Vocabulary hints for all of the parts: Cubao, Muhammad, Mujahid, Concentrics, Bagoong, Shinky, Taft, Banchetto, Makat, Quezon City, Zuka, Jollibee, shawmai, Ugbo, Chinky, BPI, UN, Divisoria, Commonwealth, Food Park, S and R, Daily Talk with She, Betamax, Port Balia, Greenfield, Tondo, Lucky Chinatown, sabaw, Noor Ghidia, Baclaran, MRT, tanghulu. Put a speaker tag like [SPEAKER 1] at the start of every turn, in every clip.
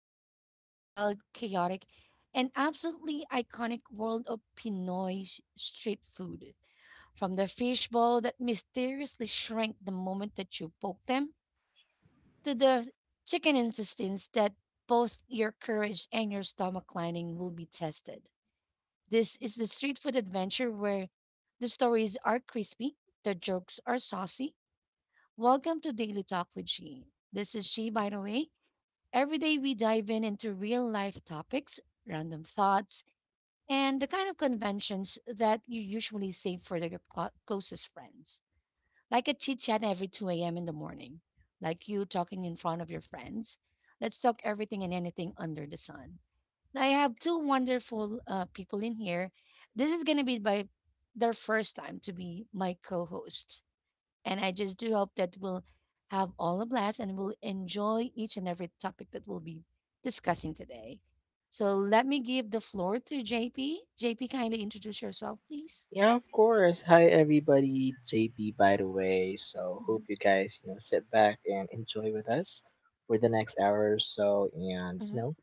[SPEAKER 1] in into the wild, chaotic, and absolutely iconic world of Pinoy street food. From the fishbowl that mysteriously shrank the moment that you poked them, to the chicken intestines that both your courage and your stomach lining will be tested. This is the street food adventure where the stories are crispy, the jokes are saucy. Welcome to Daily Talk with She. This is She, by the way. Every day we dive in into real life topics, random thoughts, and the kind of conventions that you usually save for the closest friends. Like a chit chat every 2 a.m. in the morning, like you talking in front of your friends. Let's talk everything and anything under the sun. Now, I have two wonderful people in here. This is going to be by their first time to be my co hosts, and I just do hope that we'll have all a blast and we'll enjoy each and every topic that we'll be discussing today. So let me give the floor to JP. JP, kindly introduce yourself, please.
[SPEAKER 2] Yeah, of course. Hi, everybody. JP, by the way. So, hope
[SPEAKER 1] Hmm.
[SPEAKER 2] you guys, sit back and enjoy with us for the next hour or so and,
[SPEAKER 1] Hmm.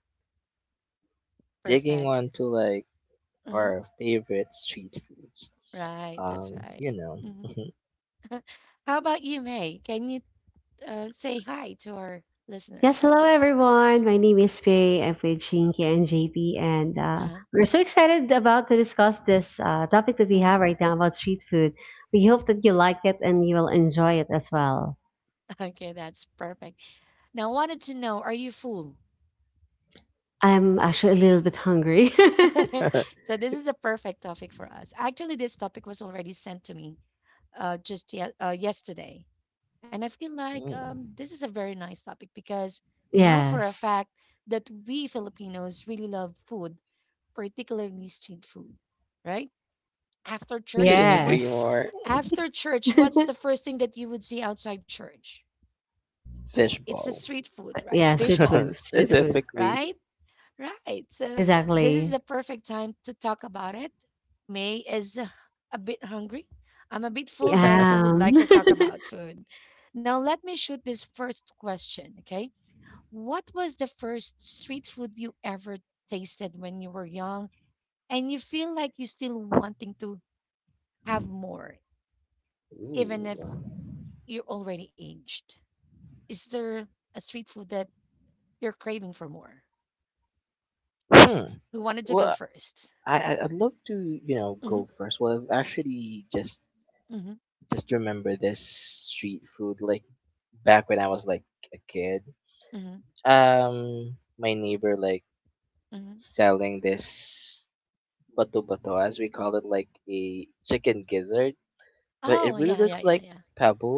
[SPEAKER 2] digging
[SPEAKER 1] Perfect.
[SPEAKER 2] on to like
[SPEAKER 1] Hmm.
[SPEAKER 2] our favorite street foods.
[SPEAKER 1] Right, that's
[SPEAKER 2] Um,
[SPEAKER 1] right.
[SPEAKER 2] you know,
[SPEAKER 1] Hmm. How about you, May? Can you say hi to our
[SPEAKER 3] Yes,
[SPEAKER 1] listeners?
[SPEAKER 3] hello everyone. My name is Faye. I'm with Shinky and JP, and
[SPEAKER 1] Uh-huh.
[SPEAKER 3] we're so excited about to discuss this topic that we have
[SPEAKER 1] Hmm.
[SPEAKER 3] right now about street food. We hope that you like it and you will enjoy it as well.
[SPEAKER 1] Okay, that's perfect. Now, I wanted to know, are you full?
[SPEAKER 3] I'm actually a little bit hungry.
[SPEAKER 1] so this is a perfect topic for us. Actually, this topic was already sent to me yesterday. And I feel like
[SPEAKER 2] mm,
[SPEAKER 1] this is a very nice topic because we know for a
[SPEAKER 3] Yes,
[SPEAKER 1] fact that we Filipinos really love food, particularly street food, right? After church,
[SPEAKER 2] couldn't
[SPEAKER 1] what
[SPEAKER 2] agree
[SPEAKER 3] yes,
[SPEAKER 2] more.
[SPEAKER 1] After church, what's the first thing that you would see outside church? It's the
[SPEAKER 2] Fishbowl,
[SPEAKER 1] street food,
[SPEAKER 3] but
[SPEAKER 1] right?
[SPEAKER 3] yeah.
[SPEAKER 1] Fish
[SPEAKER 3] Street food,
[SPEAKER 1] balls,
[SPEAKER 3] street food.
[SPEAKER 2] specifically.
[SPEAKER 1] right? Right. So this is
[SPEAKER 3] Exactly.
[SPEAKER 1] the perfect time to talk about it. May is a bit hungry. I'm a bit
[SPEAKER 3] I
[SPEAKER 1] full, but I still would like
[SPEAKER 3] am.
[SPEAKER 1] to talk about food. Now, let me shoot this first question, okay? What was the first street food you ever tasted when you were young and you feel like you're still wanting to have more, even if
[SPEAKER 2] Ooh.
[SPEAKER 1] you're already aged? Is there a street food that you're craving for more?
[SPEAKER 2] Hmm.
[SPEAKER 1] Who wanted to go
[SPEAKER 2] Well,
[SPEAKER 1] 1st?
[SPEAKER 2] I'd love to,
[SPEAKER 1] Mm-hmm.
[SPEAKER 2] go first. Well, I've actually just
[SPEAKER 1] Mm-hmm.
[SPEAKER 2] just remember this street food like back when I was like a kid.
[SPEAKER 1] Mm-hmm.
[SPEAKER 2] My neighbor like
[SPEAKER 1] Mm-hmm.
[SPEAKER 2] selling this bato bato as we call it, like a chicken gizzard, but it
[SPEAKER 1] Oh,
[SPEAKER 2] really
[SPEAKER 1] yeah, yeah,
[SPEAKER 2] looks
[SPEAKER 1] yeah,
[SPEAKER 2] like
[SPEAKER 1] yeah.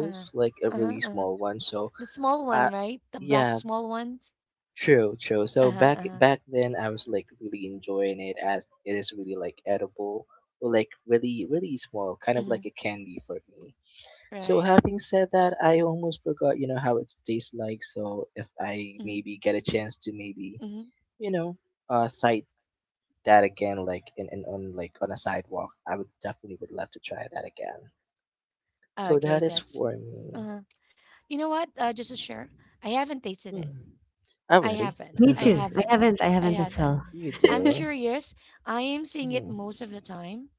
[SPEAKER 1] Uh-huh.
[SPEAKER 2] like a
[SPEAKER 1] Uh-huh.
[SPEAKER 2] really
[SPEAKER 1] Uh-huh.
[SPEAKER 2] small one. So,
[SPEAKER 1] The small one,
[SPEAKER 2] uh,
[SPEAKER 1] right? The black
[SPEAKER 2] yeah,
[SPEAKER 1] small ones.
[SPEAKER 2] true. So
[SPEAKER 1] Uh-huh.
[SPEAKER 2] back
[SPEAKER 1] Uh-huh.
[SPEAKER 2] back then, I was like really enjoying it as it is really like edible. Or, like really really small kind of
[SPEAKER 1] Hmm.
[SPEAKER 2] like a candy for me. So
[SPEAKER 1] Right.
[SPEAKER 2] having said that, I almost forgot, how it tastes like. So if I
[SPEAKER 1] Mm-hmm.
[SPEAKER 2] maybe get a chance to maybe,
[SPEAKER 1] Hmm.
[SPEAKER 2] you know, sight that again, like in on like on a sidewalk, I would definitely would love to try that again. So
[SPEAKER 1] Okay,
[SPEAKER 2] that is
[SPEAKER 1] that's
[SPEAKER 2] for me.
[SPEAKER 1] uh. You know what? Just to share, I haven't tasted it.
[SPEAKER 2] Hmm. Oh,
[SPEAKER 1] I
[SPEAKER 2] really?
[SPEAKER 1] haven't.
[SPEAKER 3] Me
[SPEAKER 1] I
[SPEAKER 3] too. I
[SPEAKER 1] haven't.
[SPEAKER 3] haven't. I
[SPEAKER 1] I
[SPEAKER 3] haven't as
[SPEAKER 1] haven't.
[SPEAKER 3] well.
[SPEAKER 2] You
[SPEAKER 1] I'm
[SPEAKER 2] do?
[SPEAKER 1] curious. I am seeing it
[SPEAKER 2] Hmm.
[SPEAKER 1] most of the time,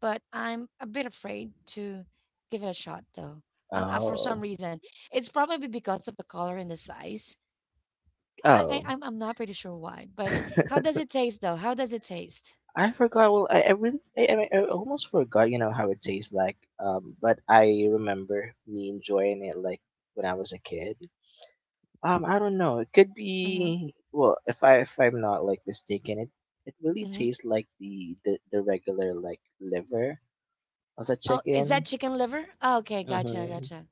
[SPEAKER 1] but I'm a bit afraid to give it a shot, though. For some
[SPEAKER 2] Oh,
[SPEAKER 1] reason, it's probably because of the color and the size. I, I
[SPEAKER 2] oh.
[SPEAKER 1] I'm I'm not pretty sure why, but how does it taste though? How does it taste?
[SPEAKER 2] I forgot. Well, I really, I mean, I almost forgot. You know how it tastes like. But I remember me enjoying it like when I was a kid. I don't know. It could
[SPEAKER 1] Mm-hmm.
[SPEAKER 2] be well, if I'm not like mistaken, it really
[SPEAKER 1] Mm-hmm.
[SPEAKER 2] tastes like the regular like liver of a
[SPEAKER 1] Oh, is that
[SPEAKER 2] chicken.
[SPEAKER 1] chicken liver? Oh, okay, gotcha,
[SPEAKER 2] Mm-hmm.
[SPEAKER 1] gotcha.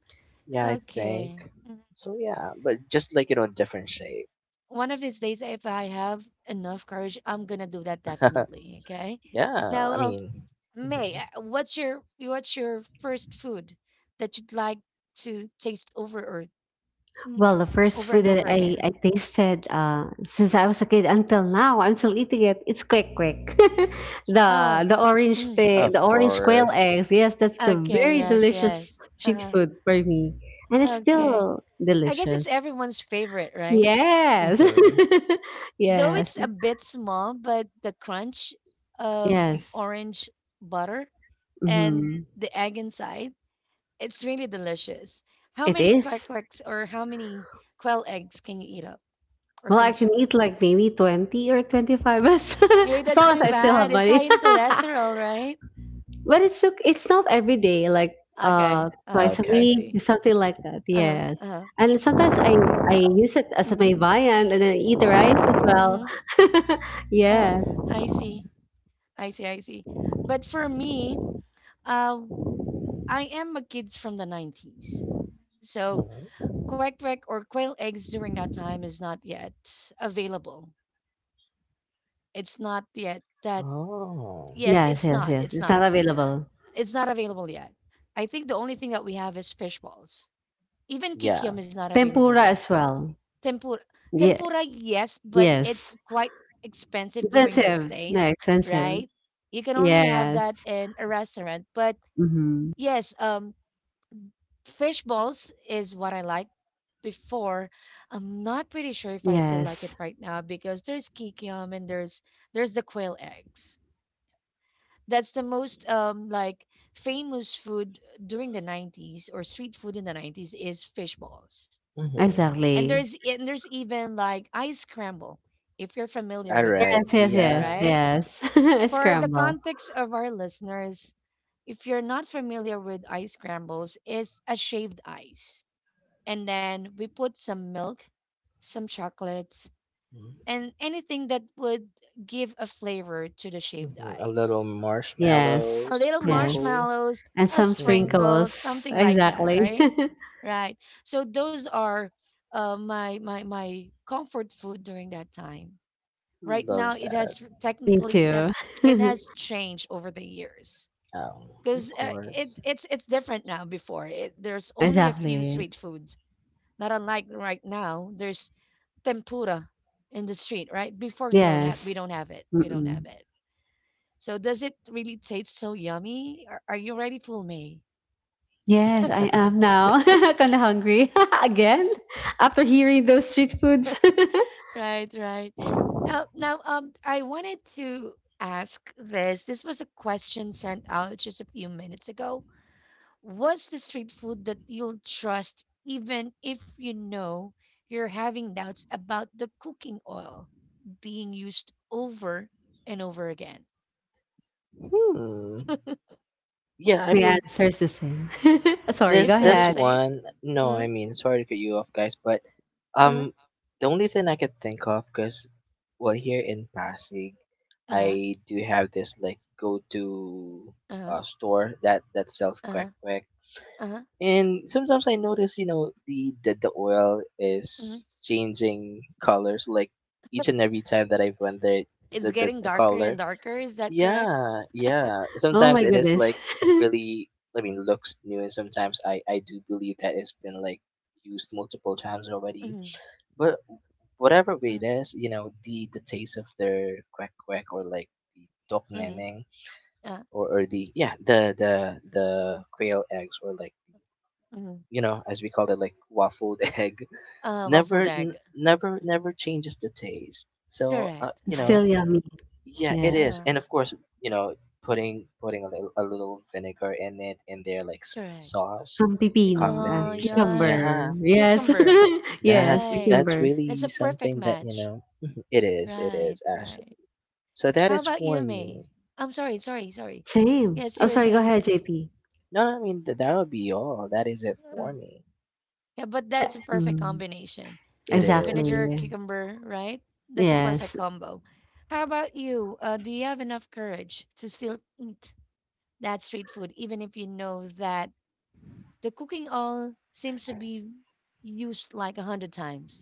[SPEAKER 2] Yeah, I think.
[SPEAKER 1] Okay. Mhm.
[SPEAKER 2] So yeah, but just like you know, different shape.
[SPEAKER 1] One of these days, if I have enough courage, I'm gonna do that definitely. Okay.
[SPEAKER 2] yeah,
[SPEAKER 1] Now,
[SPEAKER 2] I mean,
[SPEAKER 1] May,
[SPEAKER 2] mhm,
[SPEAKER 1] what's your first food that you'd like to taste over or eat
[SPEAKER 3] Well, the first
[SPEAKER 1] over and
[SPEAKER 3] food that
[SPEAKER 1] over
[SPEAKER 3] I,
[SPEAKER 1] again?
[SPEAKER 3] I tasted since I was a kid until now, I'm still eating it. It's quick quick.
[SPEAKER 1] Oh,
[SPEAKER 3] the the orange
[SPEAKER 1] mm.
[SPEAKER 3] the, the
[SPEAKER 2] of
[SPEAKER 3] orange quail
[SPEAKER 2] course.
[SPEAKER 3] eggs. Yes, that's the
[SPEAKER 1] Okay.
[SPEAKER 3] very
[SPEAKER 1] Yes.
[SPEAKER 3] delicious
[SPEAKER 1] Yes. Uh
[SPEAKER 3] street
[SPEAKER 1] huh.
[SPEAKER 3] food for me. And it's
[SPEAKER 1] Okay.
[SPEAKER 3] still
[SPEAKER 1] I guess it's
[SPEAKER 3] delicious.
[SPEAKER 1] everyone's favorite, right?
[SPEAKER 3] Yes.
[SPEAKER 2] Mm-hmm.
[SPEAKER 1] Though
[SPEAKER 3] Yes.
[SPEAKER 1] it's a bit small, but the crunch of the
[SPEAKER 3] Yes.
[SPEAKER 1] orange butter and
[SPEAKER 3] Mhm.
[SPEAKER 1] the egg inside, it's really delicious. How
[SPEAKER 3] It
[SPEAKER 1] many quack
[SPEAKER 3] is.
[SPEAKER 1] quacks or how many quail eggs can you eat up or
[SPEAKER 3] Well, I can
[SPEAKER 1] consume?
[SPEAKER 3] eat like maybe 20 or 25, as
[SPEAKER 1] Hey,
[SPEAKER 3] as
[SPEAKER 1] that's
[SPEAKER 3] long as
[SPEAKER 1] too
[SPEAKER 3] I still have
[SPEAKER 1] bad. It's high
[SPEAKER 3] money.
[SPEAKER 1] in cholesterol, right?
[SPEAKER 3] But it's ok, it's not every day, like,
[SPEAKER 1] Okay. Uh-huh.
[SPEAKER 3] twice a
[SPEAKER 1] I
[SPEAKER 2] Okay.
[SPEAKER 3] week,
[SPEAKER 1] see.
[SPEAKER 3] something like that,
[SPEAKER 1] Uh-huh.
[SPEAKER 3] yes.
[SPEAKER 1] Uh-huh.
[SPEAKER 3] And sometimes I use it as my
[SPEAKER 1] Mm-hmm.
[SPEAKER 3] viand and then eat the
[SPEAKER 1] Mm-hmm.
[SPEAKER 3] rice as well.
[SPEAKER 1] Mm-hmm. Uh,
[SPEAKER 3] Yes.
[SPEAKER 1] I see. I see. I see. But for me, uh, I am a kid from the 90s. So
[SPEAKER 2] Mhm.
[SPEAKER 1] quack quack or quail eggs during that time is not yet available. It's not yet that
[SPEAKER 2] Oh,
[SPEAKER 1] yes,
[SPEAKER 3] Yes,
[SPEAKER 1] it's
[SPEAKER 3] yes,
[SPEAKER 1] not.
[SPEAKER 3] yes.
[SPEAKER 1] It's
[SPEAKER 3] It's
[SPEAKER 1] not.
[SPEAKER 3] not available.
[SPEAKER 1] It's not available yet. I think the only thing that we have is fish balls. Even
[SPEAKER 2] yeah.
[SPEAKER 1] kikiam is not available
[SPEAKER 3] Tempura
[SPEAKER 1] yet.
[SPEAKER 3] as well.
[SPEAKER 1] Tempura
[SPEAKER 3] Yeah,
[SPEAKER 1] Tempura yes, but
[SPEAKER 3] yes.
[SPEAKER 1] it's quite expensive during those
[SPEAKER 3] Expensive. No,
[SPEAKER 1] days,
[SPEAKER 3] expensive.
[SPEAKER 1] right? You can only have
[SPEAKER 3] Yes.
[SPEAKER 1] that in a restaurant, but
[SPEAKER 3] Mhm.
[SPEAKER 1] yes, fish balls is what I liked before. I'm not pretty sure if I still like
[SPEAKER 3] Yes,
[SPEAKER 1] it right now because there's kikiam and there's the quail eggs. That's the most like famous food during the 90s or street food in the 90s is fish balls.
[SPEAKER 2] Mm-hmm.
[SPEAKER 1] And there's
[SPEAKER 3] exactly.
[SPEAKER 1] and there's even like ice scramble if you're familiar
[SPEAKER 2] All
[SPEAKER 1] with that,
[SPEAKER 3] Yes,
[SPEAKER 2] right.
[SPEAKER 3] yes, yes,
[SPEAKER 2] Yeah.
[SPEAKER 1] right?
[SPEAKER 3] yes.
[SPEAKER 1] For the
[SPEAKER 3] Scramble.
[SPEAKER 1] context of our listeners, if you're not familiar with ice scrambles, it's a shaved ice and then we put some milk, some chocolates,
[SPEAKER 2] Mm-hmm.
[SPEAKER 1] and anything that would give a flavor to the shaved
[SPEAKER 2] Mm-hmm. A little
[SPEAKER 1] ice.
[SPEAKER 3] Yes.
[SPEAKER 2] marshmallow
[SPEAKER 1] A little
[SPEAKER 3] Yes.
[SPEAKER 2] sprinkle.
[SPEAKER 1] marshmallows,
[SPEAKER 3] And
[SPEAKER 1] a
[SPEAKER 3] some
[SPEAKER 2] Hmm.
[SPEAKER 1] sprinkle,
[SPEAKER 3] sprinkles.
[SPEAKER 1] something like that,
[SPEAKER 3] Exactly.
[SPEAKER 1] right? Right. So those are uh, my comfort food during that time. Right now,
[SPEAKER 2] Love that.
[SPEAKER 3] Me too.
[SPEAKER 1] it has changed over the years
[SPEAKER 2] Um, of
[SPEAKER 1] because uh, it
[SPEAKER 2] course.
[SPEAKER 1] it's it's different now. Before it, there's only a few
[SPEAKER 3] Exactly.
[SPEAKER 1] street foods not unlike right now there's tempura in the street, right? Before you don't have we
[SPEAKER 3] Yes.
[SPEAKER 1] don't have it. We don't
[SPEAKER 3] Mm-mm.
[SPEAKER 1] have it. So does it really taste so yummy? Are you ready, Full May?
[SPEAKER 3] Yes, I am now. Kind of hungry again after hearing those street foods.
[SPEAKER 1] Right, right. Now, I wanted to ask this. This was a question sent out just a few minutes ago. What's the street food that you'll trust even if you know you're having doubts about the cooking oil being used over and over again?
[SPEAKER 2] Hmm. Yeah, I
[SPEAKER 3] My
[SPEAKER 2] mean
[SPEAKER 3] answer is the same. Sorry,
[SPEAKER 2] this
[SPEAKER 3] go
[SPEAKER 1] It's still the
[SPEAKER 2] this
[SPEAKER 3] ahead.
[SPEAKER 1] same.
[SPEAKER 2] one. No, I
[SPEAKER 1] Uh
[SPEAKER 2] mean sorry to cut you off, guys, but
[SPEAKER 1] huh. Uh
[SPEAKER 2] um,
[SPEAKER 1] huh.
[SPEAKER 2] the only thing I could think of, cause well here in Pasig,
[SPEAKER 1] Uh
[SPEAKER 2] I do have this like go to
[SPEAKER 1] huh.
[SPEAKER 2] store that sells quack
[SPEAKER 1] Uh-huh.
[SPEAKER 2] quack,
[SPEAKER 1] Uh-huh.
[SPEAKER 2] and sometimes I notice you know the oil
[SPEAKER 1] Mhm.
[SPEAKER 2] is changing colors like each and every time that I went there,
[SPEAKER 1] It's
[SPEAKER 2] the the,
[SPEAKER 1] getting
[SPEAKER 2] the
[SPEAKER 1] darker and
[SPEAKER 2] color.
[SPEAKER 1] darker. Is that correct?
[SPEAKER 2] Yeah, yeah.
[SPEAKER 3] Oh
[SPEAKER 2] Sometimes
[SPEAKER 3] my
[SPEAKER 2] it is
[SPEAKER 3] goodness.
[SPEAKER 2] like really, I mean, looks new, and sometimes I do believe that it's been like used multiple times already.
[SPEAKER 1] Mm-hmm.
[SPEAKER 2] But whatever way
[SPEAKER 1] Mm-hmm.
[SPEAKER 2] it is, you know, the taste of their quack quack or like the dok
[SPEAKER 1] Mm.
[SPEAKER 2] neneng
[SPEAKER 1] Uh,
[SPEAKER 2] or the yeah the quail eggs or like
[SPEAKER 1] mhm.
[SPEAKER 2] you know as we call it like waffled egg
[SPEAKER 1] Uh,
[SPEAKER 2] never
[SPEAKER 1] waffled egg.
[SPEAKER 2] n- never never changes the taste. So
[SPEAKER 1] Correct.
[SPEAKER 2] you
[SPEAKER 3] It's
[SPEAKER 1] I
[SPEAKER 2] know
[SPEAKER 3] still
[SPEAKER 1] agree.
[SPEAKER 3] yummy.
[SPEAKER 2] yeah, it
[SPEAKER 3] Yes.
[SPEAKER 2] is,
[SPEAKER 1] Uh,
[SPEAKER 2] and of course, you know, putting a little vinegar in it and their like sweet
[SPEAKER 1] correct.
[SPEAKER 2] sauce
[SPEAKER 3] Some
[SPEAKER 2] in
[SPEAKER 3] pipino. Ah,
[SPEAKER 1] Oh,
[SPEAKER 2] combination.
[SPEAKER 1] yes.
[SPEAKER 3] cucumber.
[SPEAKER 2] Yeah,
[SPEAKER 3] Yes.
[SPEAKER 1] Cucumber.
[SPEAKER 3] Yes,
[SPEAKER 1] Right.
[SPEAKER 2] that's
[SPEAKER 3] cucumber.
[SPEAKER 1] That's a
[SPEAKER 2] really
[SPEAKER 1] perfect
[SPEAKER 2] something that you
[SPEAKER 1] match.
[SPEAKER 2] know. It
[SPEAKER 1] Right,
[SPEAKER 2] is actually.
[SPEAKER 1] right.
[SPEAKER 2] So that
[SPEAKER 1] How
[SPEAKER 2] is
[SPEAKER 1] about
[SPEAKER 2] for
[SPEAKER 1] you, May?
[SPEAKER 2] me.
[SPEAKER 1] I'm sorry, sorry, sorry.
[SPEAKER 3] Same.
[SPEAKER 1] Yes,
[SPEAKER 3] Oh,
[SPEAKER 1] you were
[SPEAKER 3] sorry, go
[SPEAKER 1] saying
[SPEAKER 3] ahead,
[SPEAKER 1] some.
[SPEAKER 3] JP.
[SPEAKER 2] No, I mean that would be all. That is it
[SPEAKER 1] Uh,
[SPEAKER 2] for me.
[SPEAKER 1] yeah, but that's
[SPEAKER 3] Yeah.
[SPEAKER 1] a perfect
[SPEAKER 3] Mm,
[SPEAKER 1] combination.
[SPEAKER 2] It is.
[SPEAKER 1] Vinegar,
[SPEAKER 3] exactly.
[SPEAKER 1] cucumber, right? That's a perfect
[SPEAKER 3] Yes.
[SPEAKER 1] combo. How about you? Do you have enough courage to still eat that street food, even if you know that the cooking oil seems to be used like a hundred times?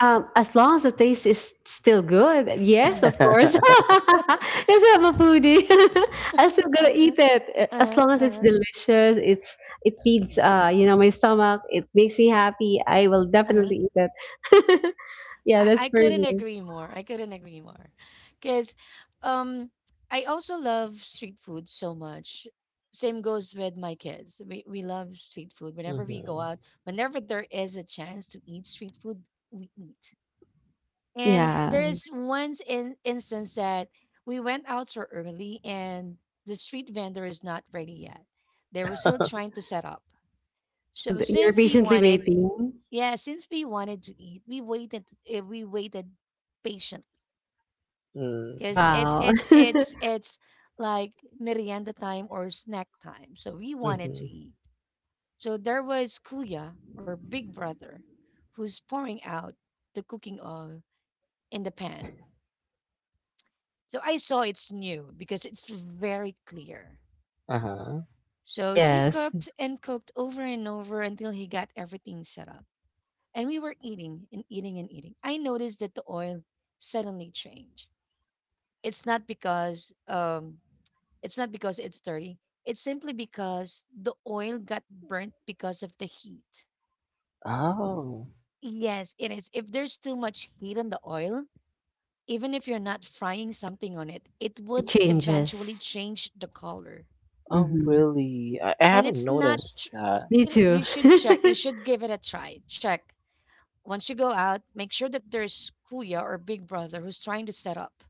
[SPEAKER 3] As long as the taste is still good, yes,
[SPEAKER 1] Mm-hmm.
[SPEAKER 3] of course. Because I'm a foodie, I'm still gonna eat
[SPEAKER 1] uh-huh,
[SPEAKER 3] it as long as it's
[SPEAKER 1] uh-huh,
[SPEAKER 3] delicious. It's it feeds you know my stomach. It makes me happy. I will
[SPEAKER 1] uh-huh.
[SPEAKER 3] definitely eat it. Yeah, that's
[SPEAKER 1] I
[SPEAKER 3] for
[SPEAKER 1] couldn't
[SPEAKER 3] me.
[SPEAKER 1] agree more. I couldn't agree more. Because um I also love street food so much. Same goes with my kids. We love street food. Whenever we go
[SPEAKER 2] Mm-hmm.
[SPEAKER 1] out, whenever there is a chance to eat street food, we eat. And
[SPEAKER 3] Yeah,
[SPEAKER 1] there's once in instance that we went out so early and the street vendor is not ready yet. They were still trying to set up.
[SPEAKER 3] so
[SPEAKER 1] So
[SPEAKER 3] you're patiently waiting.
[SPEAKER 1] yeah, since we wanted to eat, we waited. We waited patiently because it's
[SPEAKER 3] Wow.
[SPEAKER 1] it's it's it's like merienda time or snack time. So we wanted to
[SPEAKER 2] Mm-hmm.
[SPEAKER 1] eat. So there was Kuya or Big Brother, who's pouring out the cooking oil in the pan. So I saw it's new because it's very clear.
[SPEAKER 2] Uh-huh.
[SPEAKER 1] So he
[SPEAKER 3] Yes,
[SPEAKER 1] cooked and cooked over and over until he got everything set up. And we were eating and eating and eating. I noticed that the oil suddenly changed. It's not because um it's not because it's dirty. It's simply because the oil got burnt because of the heat.
[SPEAKER 2] Oh.
[SPEAKER 1] Yes, it is. If there's too much heat on the oil, even if you're not frying something on it, it
[SPEAKER 3] it
[SPEAKER 1] would
[SPEAKER 3] changes.
[SPEAKER 1] eventually change the color.
[SPEAKER 2] Oh,
[SPEAKER 3] Hmm
[SPEAKER 2] really? I
[SPEAKER 1] And
[SPEAKER 2] haven't
[SPEAKER 1] it's not
[SPEAKER 2] noticed
[SPEAKER 1] tr-
[SPEAKER 2] that.
[SPEAKER 3] Me
[SPEAKER 1] it,
[SPEAKER 3] too.
[SPEAKER 1] You should check. You should give it a try. Check. Once you go out, make sure that there's Kuya or Big Brother who's trying to set up.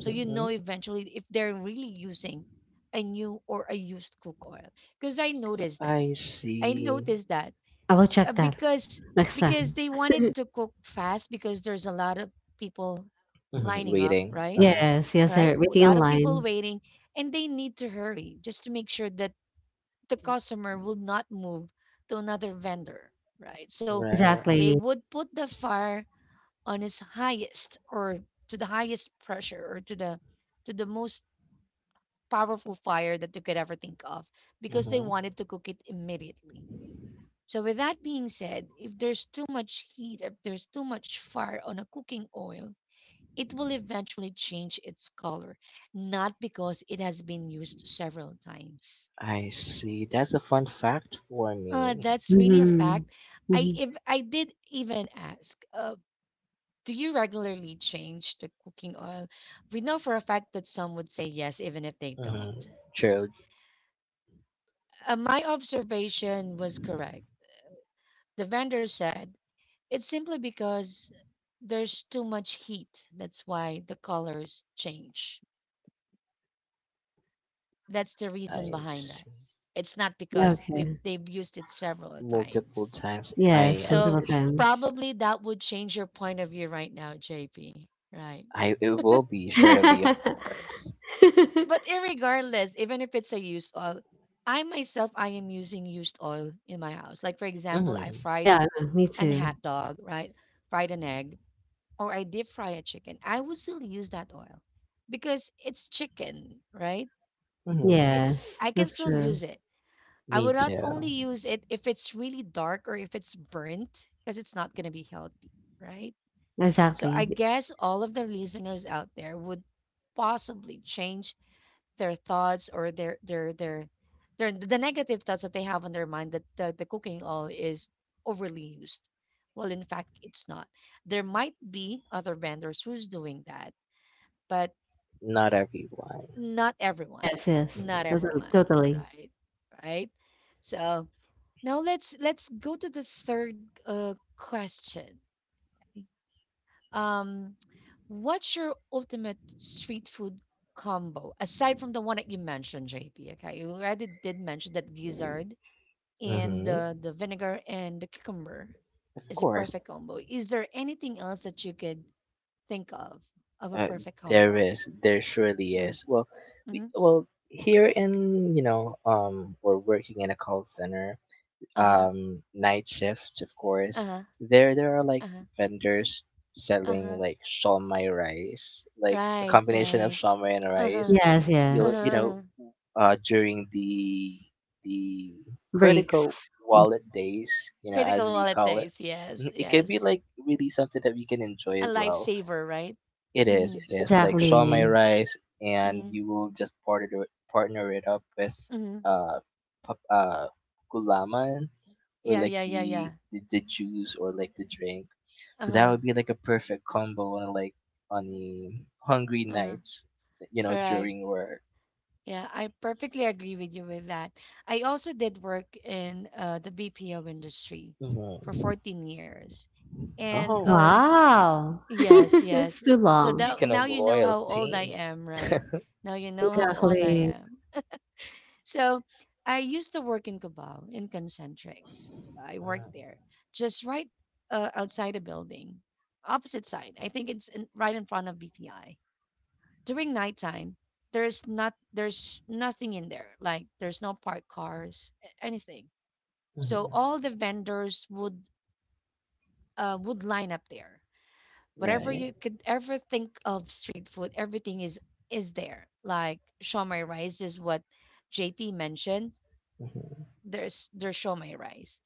[SPEAKER 1] So you know eventually if they're really using a new or a used cook oil. Because I noticed that.
[SPEAKER 2] I
[SPEAKER 1] I
[SPEAKER 2] see.
[SPEAKER 1] noticed that
[SPEAKER 3] I will
[SPEAKER 1] uh,
[SPEAKER 3] check that
[SPEAKER 1] because
[SPEAKER 3] next
[SPEAKER 1] because
[SPEAKER 3] time.
[SPEAKER 1] they wanted to cook fast because there's a lot of people
[SPEAKER 2] Mhm,
[SPEAKER 1] lining up,
[SPEAKER 2] waiting.
[SPEAKER 1] right?
[SPEAKER 2] Uh-huh.
[SPEAKER 3] Yes, yes,
[SPEAKER 1] Right?
[SPEAKER 3] sir.
[SPEAKER 1] A
[SPEAKER 3] Waiting in
[SPEAKER 1] lot of people
[SPEAKER 3] line.
[SPEAKER 1] waiting and they need to hurry just to make sure that the customer will not move to another vendor, right? So
[SPEAKER 2] Right.
[SPEAKER 1] they
[SPEAKER 3] Exactly.
[SPEAKER 1] would put the fire on its highest or to the highest pressure or to the most powerful fire that you could ever think of because they
[SPEAKER 2] Mm-hmm.
[SPEAKER 1] wanted to cook it immediately. So, with that being said, if there's too much heat, if there's too much fire on a cooking oil, it will eventually change its color, not because it has been used several times.
[SPEAKER 2] I see. That's a fun fact for me.
[SPEAKER 1] That's really a
[SPEAKER 3] Mhm.
[SPEAKER 1] fact. I
[SPEAKER 3] Mhm.
[SPEAKER 1] If I did even ask, do you regularly change the cooking oil? We know for a fact that some would say yes, even if they don't.
[SPEAKER 2] Mm-hmm. True.
[SPEAKER 1] My observation was correct. The vendor said, it's simply because there's too much heat. That's why the colors change. That's the reason
[SPEAKER 2] I
[SPEAKER 1] behind that.
[SPEAKER 2] see.
[SPEAKER 1] It's not because we've,
[SPEAKER 3] Okay.
[SPEAKER 1] they've used it several
[SPEAKER 2] Multiple
[SPEAKER 1] times.
[SPEAKER 2] times. I
[SPEAKER 3] Yes,
[SPEAKER 1] So
[SPEAKER 3] multiple
[SPEAKER 2] understand.
[SPEAKER 3] times.
[SPEAKER 1] probably that would change your point of view right now, JP. Right.
[SPEAKER 2] I it will be surely, of course.
[SPEAKER 1] But irregardless, even if it's a used oil, I myself, I am using used oil in my house. Like, for example, I
[SPEAKER 2] Mm-hmm.
[SPEAKER 1] fried
[SPEAKER 3] Yeah, I know, me
[SPEAKER 1] an
[SPEAKER 3] too.
[SPEAKER 1] hot dog, right? Fried an egg. Or I deep fry a chicken, I would still use that oil because it's chicken, right?
[SPEAKER 2] Mm-hmm.
[SPEAKER 1] It's
[SPEAKER 3] Yes,
[SPEAKER 1] I can
[SPEAKER 3] that's
[SPEAKER 1] still
[SPEAKER 3] true.
[SPEAKER 1] use it. I
[SPEAKER 2] Me
[SPEAKER 1] would not only
[SPEAKER 2] too.
[SPEAKER 1] use it if it's really dark or if it's burnt because it's not going to be healthy, right? So I
[SPEAKER 3] Exactly.
[SPEAKER 1] guess all of the listeners out there would possibly change their thoughts or their the negative thoughts that they have on their mind that the cooking oil is overly used. Well, in fact, it's not, there might be other vendors who's doing that, but
[SPEAKER 2] Not everyone.
[SPEAKER 1] not everyone,
[SPEAKER 3] Yes, yes.
[SPEAKER 1] not
[SPEAKER 2] Mm-hmm.
[SPEAKER 3] Totally.
[SPEAKER 1] everyone,
[SPEAKER 3] Totally.
[SPEAKER 1] right, right. So now let's go to the third question. um what's your ultimate street food combo aside from the one that you mentioned, JP? Okay, you already did mention that gizzard and
[SPEAKER 2] Mm-hmm.
[SPEAKER 1] the vinegar and the cucumber
[SPEAKER 2] Of
[SPEAKER 1] is a
[SPEAKER 2] course.
[SPEAKER 1] perfect combo. Is there anything else that you could think of a
[SPEAKER 2] Uh,
[SPEAKER 1] perfect
[SPEAKER 2] there
[SPEAKER 1] combo?
[SPEAKER 2] is. There surely is. Well, we,
[SPEAKER 1] Mm-hmm.
[SPEAKER 2] well here in you know we're working in a call center
[SPEAKER 1] Uh-huh.
[SPEAKER 2] night shifts of course
[SPEAKER 1] Uh-huh.
[SPEAKER 2] there are like
[SPEAKER 1] Uh-huh.
[SPEAKER 2] vendors
[SPEAKER 1] Uh-huh.
[SPEAKER 2] selling like shawmai rice like a
[SPEAKER 1] Right,
[SPEAKER 2] combination of
[SPEAKER 1] right.
[SPEAKER 2] shawmai and rice
[SPEAKER 1] Uh-huh.
[SPEAKER 3] Yes,
[SPEAKER 1] Uh-huh,
[SPEAKER 2] you
[SPEAKER 3] yes.
[SPEAKER 2] you know
[SPEAKER 1] uh-huh.
[SPEAKER 2] during the critical
[SPEAKER 3] Breaks.
[SPEAKER 2] wallet days you know
[SPEAKER 1] Critical
[SPEAKER 2] as we
[SPEAKER 1] wallet
[SPEAKER 2] call it.
[SPEAKER 1] days. Yes,
[SPEAKER 2] Mhm, it could be
[SPEAKER 1] yes.
[SPEAKER 2] like really something that we can enjoy
[SPEAKER 1] A
[SPEAKER 2] as well.
[SPEAKER 1] lifesaver, right?
[SPEAKER 2] It is.
[SPEAKER 1] Mhm.
[SPEAKER 2] It is like
[SPEAKER 3] Exactly.
[SPEAKER 2] Shaw rice, and
[SPEAKER 1] Mhm.
[SPEAKER 2] you will just partner it up with
[SPEAKER 1] Mhm.
[SPEAKER 2] uh, pap- uh, gulaman or
[SPEAKER 1] Yeah,
[SPEAKER 2] like
[SPEAKER 1] yeah, yeah,
[SPEAKER 2] the,
[SPEAKER 1] yeah.
[SPEAKER 2] the the juice or like the drink. So that
[SPEAKER 1] Uh-huh.
[SPEAKER 2] would be like a perfect combo on like on the hungry
[SPEAKER 1] Uh-huh.
[SPEAKER 2] nights, you know,
[SPEAKER 1] Correct.
[SPEAKER 2] during work.
[SPEAKER 1] Yeah, I perfectly agree with you with that. I also did work in the BPO industry for
[SPEAKER 2] Hmm.
[SPEAKER 1] 14 years. And
[SPEAKER 2] Oh,
[SPEAKER 3] Wow.
[SPEAKER 1] yes, yes.
[SPEAKER 3] It's too
[SPEAKER 1] So
[SPEAKER 3] long.
[SPEAKER 1] that
[SPEAKER 2] speaking
[SPEAKER 1] now
[SPEAKER 2] of
[SPEAKER 1] you know how old I
[SPEAKER 2] loyalty,
[SPEAKER 1] am, right? Now you know how old I
[SPEAKER 3] Exactly.
[SPEAKER 1] am. So I used to work in Cubao in Concentrics. I worked there just right outside the building, opposite side. I think it's in, right in front of BPI. During nighttime, there's nothing in there. Like there's no parked cars, anything. So
[SPEAKER 2] mm-hmm,
[SPEAKER 1] all the vendors would line up there. Whatever
[SPEAKER 2] right?
[SPEAKER 1] you could ever think of street food, everything is there. Like shawmai rice is what JP mentioned.
[SPEAKER 2] Hmm.
[SPEAKER 1] There's shomai rice.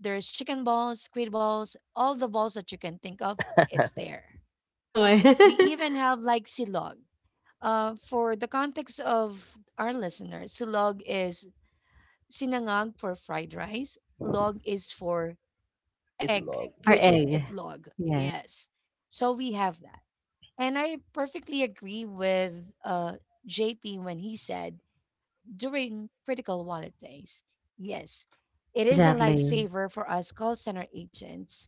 [SPEAKER 1] There's chicken balls, squid balls, all the balls that you can think of, it's there.
[SPEAKER 3] Oh
[SPEAKER 1] We
[SPEAKER 3] my.
[SPEAKER 1] even have like silog. For the context of our listeners, silog is sinangag for fried rice, log is for
[SPEAKER 2] It
[SPEAKER 1] egg,
[SPEAKER 2] love.
[SPEAKER 3] Per
[SPEAKER 1] which
[SPEAKER 2] Hmm.
[SPEAKER 1] is
[SPEAKER 3] egg.
[SPEAKER 1] itlog.
[SPEAKER 3] Yes.
[SPEAKER 1] Yes. So we have that. And I perfectly agree with uh, JP when he said during critical wallet days, yes, it is a
[SPEAKER 3] Exactly.
[SPEAKER 1] lifesaver for us call center agents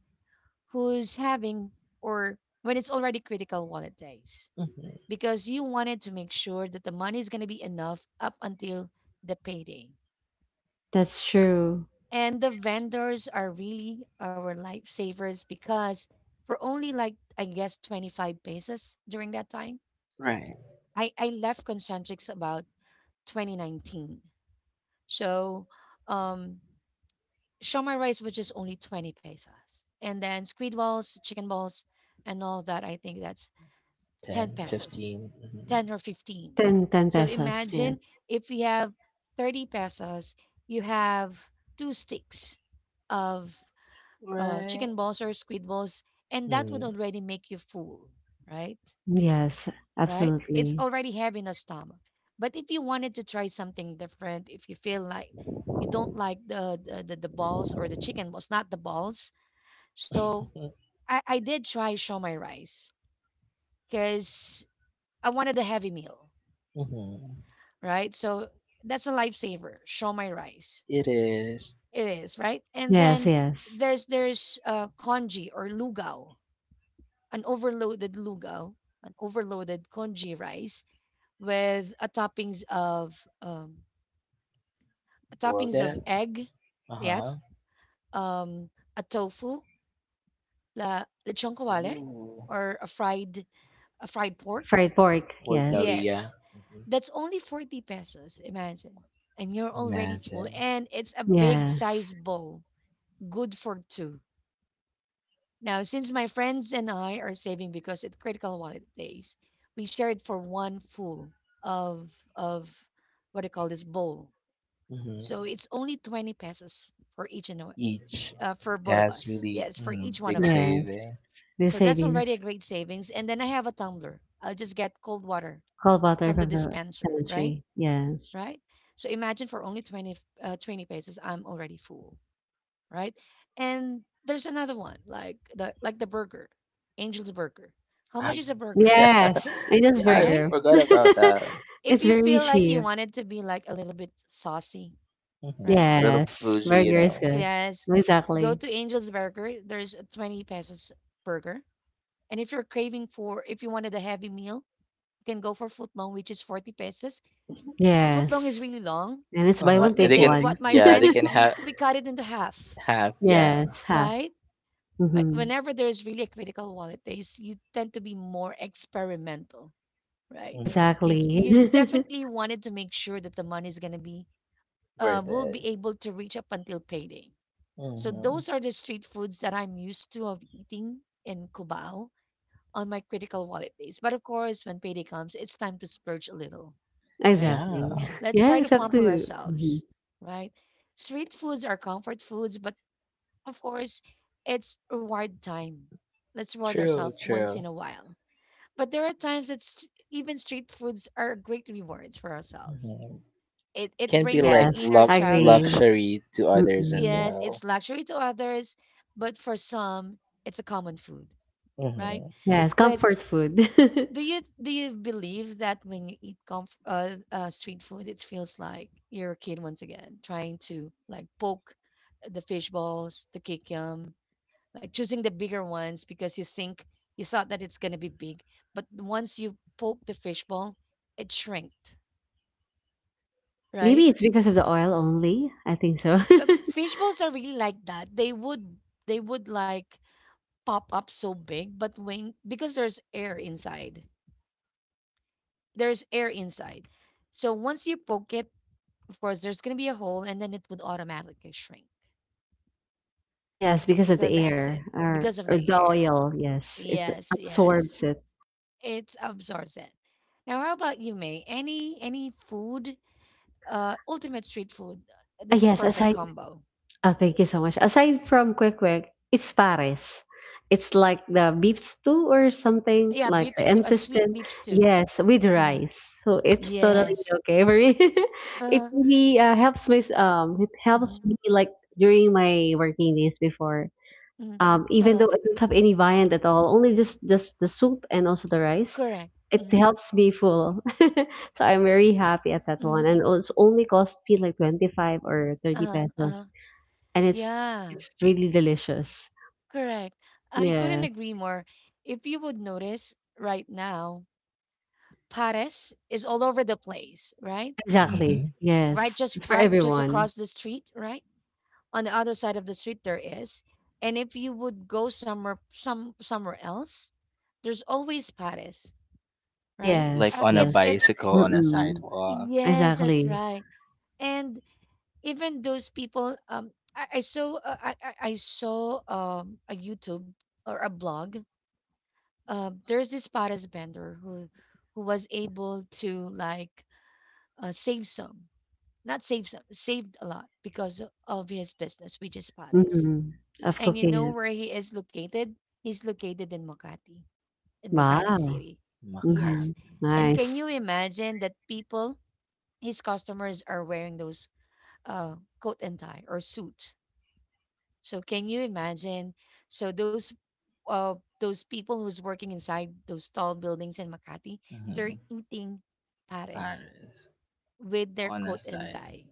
[SPEAKER 1] who's having or when it's already critical wallet days, because you wanted to make sure that the money is going to be enough up until the payday.
[SPEAKER 3] That's true.
[SPEAKER 1] And the vendors are really our lifesavers because for only like I guess 25 pesos during that time,
[SPEAKER 2] Right.
[SPEAKER 1] I left Concentrics about 2019. So, um Shumai rice was just only 20 pesos. And then squid balls, chicken balls, and all that, I think that's 10
[SPEAKER 2] 10,
[SPEAKER 1] pesos,
[SPEAKER 2] 15. Mhm.
[SPEAKER 1] 10 or 15.
[SPEAKER 3] Ten ten
[SPEAKER 1] So
[SPEAKER 3] pesos. Yes.
[SPEAKER 1] imagine if you have 30 pesos, you have two sticks of chicken
[SPEAKER 2] Right.
[SPEAKER 1] balls or squid balls, and that would
[SPEAKER 2] Mm,
[SPEAKER 1] already make you full, right?
[SPEAKER 3] Yes,
[SPEAKER 1] Right? It's
[SPEAKER 3] absolutely.
[SPEAKER 1] already heavy in the stomach. But if you wanted to try something different, if you feel like you don't like the balls or the chicken balls, not the balls, so
[SPEAKER 2] mhm,
[SPEAKER 1] I did try shomai rice because I wanted a heavy meal,
[SPEAKER 2] mhm.
[SPEAKER 1] right? So that's a lifesaver, shomai rice.
[SPEAKER 2] It is
[SPEAKER 1] It is, right? And
[SPEAKER 3] Yes,
[SPEAKER 1] then
[SPEAKER 3] yes.
[SPEAKER 1] there's congee or lugao, an overloaded congee rice with um, a toppings of
[SPEAKER 2] Waldeck.
[SPEAKER 1] egg,
[SPEAKER 2] Uh huh.
[SPEAKER 1] yes, um, a tofu, la lechon kawale,
[SPEAKER 2] Ooh.
[SPEAKER 1] or a fried pork.
[SPEAKER 3] Fried pork.
[SPEAKER 2] Port
[SPEAKER 3] Yes.
[SPEAKER 2] Balia.
[SPEAKER 1] Yes.
[SPEAKER 2] Hmm.
[SPEAKER 1] That's only 40 pesos, imagine. And you're already full.
[SPEAKER 2] Imagine.
[SPEAKER 1] And it's a big
[SPEAKER 3] Yes.
[SPEAKER 1] size bowl, good for two. Now, since my friends and I are saving because it's critical wallet days, we shared for one full of of what do you call this bowl. So
[SPEAKER 2] Hmm.
[SPEAKER 1] it's only 20 pesos for each and
[SPEAKER 2] Each.
[SPEAKER 1] for both of
[SPEAKER 2] That's
[SPEAKER 1] us.
[SPEAKER 2] really
[SPEAKER 1] Yes, for
[SPEAKER 2] mhm,
[SPEAKER 1] each one
[SPEAKER 2] big
[SPEAKER 1] of us.
[SPEAKER 3] Yes.
[SPEAKER 2] saving.
[SPEAKER 3] We
[SPEAKER 1] So that's already a
[SPEAKER 3] savings.
[SPEAKER 1] great savings. And then I have a tumbler. I'll just get cold water
[SPEAKER 3] Call butter
[SPEAKER 1] from the
[SPEAKER 3] from the
[SPEAKER 1] dispenser, right?
[SPEAKER 3] pantry. Yes.
[SPEAKER 1] Right? So imagine for only 20, 20 pesos, I'm already full, right? And there's another one, like the burger, Angel's Burger. How much
[SPEAKER 2] I
[SPEAKER 1] is a burger,
[SPEAKER 3] Yes. And just
[SPEAKER 2] yeah, I
[SPEAKER 1] right?
[SPEAKER 3] burger.
[SPEAKER 2] forgot about that.
[SPEAKER 1] If
[SPEAKER 3] It's
[SPEAKER 1] you
[SPEAKER 3] very
[SPEAKER 1] feel like you
[SPEAKER 3] cheap.
[SPEAKER 1] wanted to be like a little bit saucy, right?
[SPEAKER 2] Mhm, little
[SPEAKER 3] Yes.
[SPEAKER 2] bougie, you
[SPEAKER 3] Burger is
[SPEAKER 2] know.
[SPEAKER 3] good.
[SPEAKER 1] Yes, go
[SPEAKER 3] Exactly.
[SPEAKER 1] to Angel's Burger. There's a 20 pesos burger. And if you're craving for, if you wanted a heavy meal, you can go for footlong, which is 40 pesos. Footlong is
[SPEAKER 3] Yes.
[SPEAKER 1] really long.
[SPEAKER 3] And it's buy
[SPEAKER 2] Uh-huh.
[SPEAKER 3] one,
[SPEAKER 1] What we
[SPEAKER 2] And
[SPEAKER 3] take
[SPEAKER 2] they can
[SPEAKER 1] did,
[SPEAKER 3] one.
[SPEAKER 1] what my
[SPEAKER 2] yeah, they
[SPEAKER 1] friends,
[SPEAKER 2] can
[SPEAKER 1] we we cut it into half,
[SPEAKER 2] have yeah.
[SPEAKER 3] Yes, half.
[SPEAKER 1] right? Right.
[SPEAKER 3] Mm-hmm.
[SPEAKER 1] Whenever there's really a critical wallet days, you tend to be more experimental, right?
[SPEAKER 2] Mhm,
[SPEAKER 1] You
[SPEAKER 3] Exactly.
[SPEAKER 1] you definitely wanted to make sure that the money is gonna be
[SPEAKER 2] worth
[SPEAKER 1] will be
[SPEAKER 2] it.
[SPEAKER 1] able to reach up until payday. So
[SPEAKER 2] Hmm.
[SPEAKER 1] those are the street foods that I'm used to of eating in Cubao on my critical wallet days. But of course, when payday comes, it's time to splurge a little, right?
[SPEAKER 3] Exactly.
[SPEAKER 2] Yeah.
[SPEAKER 1] Let's try to
[SPEAKER 3] Yes, up
[SPEAKER 1] pamper
[SPEAKER 3] to. Hmm
[SPEAKER 1] ourselves, right? Street foods are comfort foods, but of course, it's reward time. Let's reward
[SPEAKER 2] True,
[SPEAKER 1] ourselves once
[SPEAKER 2] true.
[SPEAKER 1] in a while. But there are times that even street foods are great rewards for ourselves.
[SPEAKER 2] Mhm.
[SPEAKER 1] It
[SPEAKER 2] Can be
[SPEAKER 1] brings the
[SPEAKER 2] like
[SPEAKER 3] Yes,
[SPEAKER 1] inner
[SPEAKER 3] I
[SPEAKER 1] child in
[SPEAKER 3] agree.
[SPEAKER 1] us.
[SPEAKER 2] luxury to others as
[SPEAKER 3] Mm-mm.
[SPEAKER 1] Yes, it's
[SPEAKER 2] well.
[SPEAKER 1] luxury to others, but for some, it's a common food, right?
[SPEAKER 2] Mm-hmm.
[SPEAKER 3] Yes,
[SPEAKER 1] But
[SPEAKER 3] comfort food.
[SPEAKER 1] do you believe that when you eat street food, it feels like you're a kid once again, trying to like poke the fish balls, the kikiam, like choosing the bigger ones because you thought that it's going to be big, but once you poke the fishbowl it shrinked, right?
[SPEAKER 3] Maybe it's because of the oil only. I think so.
[SPEAKER 1] Uh, fishbowls are really like that. They would they would like pop up so big, but when because there's air inside, there's air inside, so once you poke it, of course there's going to be a hole and then it would automatically shrink.
[SPEAKER 3] Yes, because of
[SPEAKER 1] So
[SPEAKER 3] the
[SPEAKER 1] that's it,
[SPEAKER 3] air or
[SPEAKER 1] because of the
[SPEAKER 3] the
[SPEAKER 1] air,
[SPEAKER 3] oil. Yes, it
[SPEAKER 1] yes, yes,
[SPEAKER 3] absorbs it.
[SPEAKER 1] it absorbs it. Now how about you, May, any food, ultimate street food,
[SPEAKER 3] Ah,
[SPEAKER 1] that's a
[SPEAKER 3] yes,
[SPEAKER 1] perfect
[SPEAKER 3] aside.
[SPEAKER 1] combo.
[SPEAKER 3] Ah, thank you so much. Aside from quick quick, it's pares. It's like the beef stew or something
[SPEAKER 1] Yeah,
[SPEAKER 3] like
[SPEAKER 1] beef
[SPEAKER 3] the
[SPEAKER 1] stew, a sweet
[SPEAKER 3] intestine.
[SPEAKER 1] beef stew.
[SPEAKER 3] Yes, with
[SPEAKER 1] Mm-hmm.
[SPEAKER 3] rice. So it's totally
[SPEAKER 1] Yes.
[SPEAKER 3] okay for me.
[SPEAKER 1] Uh
[SPEAKER 3] It
[SPEAKER 1] huh.
[SPEAKER 3] really helps me. It
[SPEAKER 1] Hmm.
[SPEAKER 3] helps me like during my working days before.
[SPEAKER 1] Hmm. Uh
[SPEAKER 3] Even
[SPEAKER 1] huh.
[SPEAKER 3] though I don't have any viand at all, only just the soup and also the rice,
[SPEAKER 1] Correct.
[SPEAKER 3] it
[SPEAKER 1] Mm-hmm.
[SPEAKER 3] helps me full. So I'm very happy at that
[SPEAKER 1] Mm-hmm.
[SPEAKER 3] one, and it's only cost me like 25 or
[SPEAKER 1] Uh
[SPEAKER 3] 30
[SPEAKER 1] huh. Uh
[SPEAKER 3] pesos,
[SPEAKER 1] huh.
[SPEAKER 3] and it's
[SPEAKER 1] Yeah,
[SPEAKER 3] it's really delicious.
[SPEAKER 1] correct. I couldn't
[SPEAKER 3] Yeah,
[SPEAKER 1] agree more. If you would notice right now, Pares is all over the place, right?
[SPEAKER 2] Mm-hmm.
[SPEAKER 3] exactly. Yes, it's for
[SPEAKER 1] Right, just
[SPEAKER 3] everyone.
[SPEAKER 1] across the street, right? On the other side of the street there is. And if you would go somewhere somewhere else, there's always Paris, right?
[SPEAKER 2] Like
[SPEAKER 3] Yes,
[SPEAKER 2] on a
[SPEAKER 3] yes.
[SPEAKER 1] It's
[SPEAKER 2] bicycle on a
[SPEAKER 3] Mm-mm.
[SPEAKER 2] sidewalk.
[SPEAKER 1] yes, that's
[SPEAKER 3] Exactly.
[SPEAKER 1] right. And even those people, I saw I saw a YouTube or a blog. There's this Paris vendor who was able to like uh, save some, not save some, saved a lot because of his business, which is Paris.
[SPEAKER 3] Mm-mm. Of
[SPEAKER 1] And you
[SPEAKER 3] cooking
[SPEAKER 1] know
[SPEAKER 3] it.
[SPEAKER 1] where he is located? He's located in Makati
[SPEAKER 3] Wow.
[SPEAKER 1] City.
[SPEAKER 2] Makat.
[SPEAKER 3] Mm-hmm.
[SPEAKER 1] Yes. And can
[SPEAKER 3] Nice.
[SPEAKER 1] you imagine that people, his customers, are wearing those coat and tie or suit? So can you imagine? So uh, those people who's working inside those tall buildings in Makati,
[SPEAKER 2] Mm-hmm.
[SPEAKER 1] they're eating pares
[SPEAKER 2] Paris.
[SPEAKER 1] with their
[SPEAKER 2] On a
[SPEAKER 1] coat and
[SPEAKER 2] side.
[SPEAKER 1] tie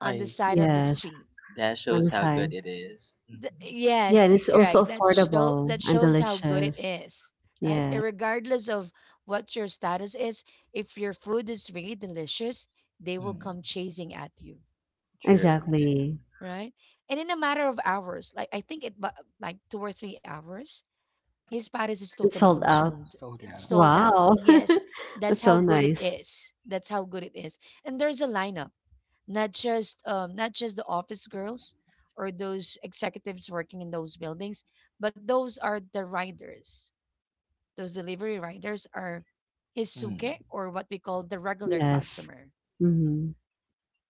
[SPEAKER 1] on the
[SPEAKER 2] I
[SPEAKER 1] side
[SPEAKER 2] see.
[SPEAKER 1] of the
[SPEAKER 3] Yes.
[SPEAKER 1] street.
[SPEAKER 2] That
[SPEAKER 3] On
[SPEAKER 2] shows
[SPEAKER 3] the
[SPEAKER 2] how good
[SPEAKER 3] side.
[SPEAKER 2] it is. Mm-hmm.
[SPEAKER 3] Yeah,
[SPEAKER 1] Yes,
[SPEAKER 3] and
[SPEAKER 1] you're
[SPEAKER 3] it's also
[SPEAKER 1] correct. That
[SPEAKER 3] affordable and
[SPEAKER 1] shows how good it
[SPEAKER 3] delicious.
[SPEAKER 1] is, right?
[SPEAKER 3] Yeah,
[SPEAKER 1] Regardless of what your status is, if your food is really delicious, they will come
[SPEAKER 2] Mm-hmm.
[SPEAKER 1] chasing at you,
[SPEAKER 2] True, true.
[SPEAKER 3] exactly.
[SPEAKER 1] right? And in a matter of hours, like I think like 2 or 3 hours, his Paris is
[SPEAKER 3] It's
[SPEAKER 1] totally
[SPEAKER 3] sold out.
[SPEAKER 1] consumed.
[SPEAKER 2] Sold
[SPEAKER 1] It's
[SPEAKER 2] out.
[SPEAKER 1] sold out.
[SPEAKER 3] Wow.
[SPEAKER 1] Yes, that's
[SPEAKER 3] That's
[SPEAKER 1] how
[SPEAKER 3] so
[SPEAKER 1] good it
[SPEAKER 3] nice.
[SPEAKER 1] is. That's how good it is. And there's a lineup, not just not just the office girls or those executives working in those buildings, but those are the riders. Those delivery riders are
[SPEAKER 2] Mm.
[SPEAKER 1] hisuke or what we call the regular
[SPEAKER 3] Yes.
[SPEAKER 1] customer.
[SPEAKER 3] Mm-hmm.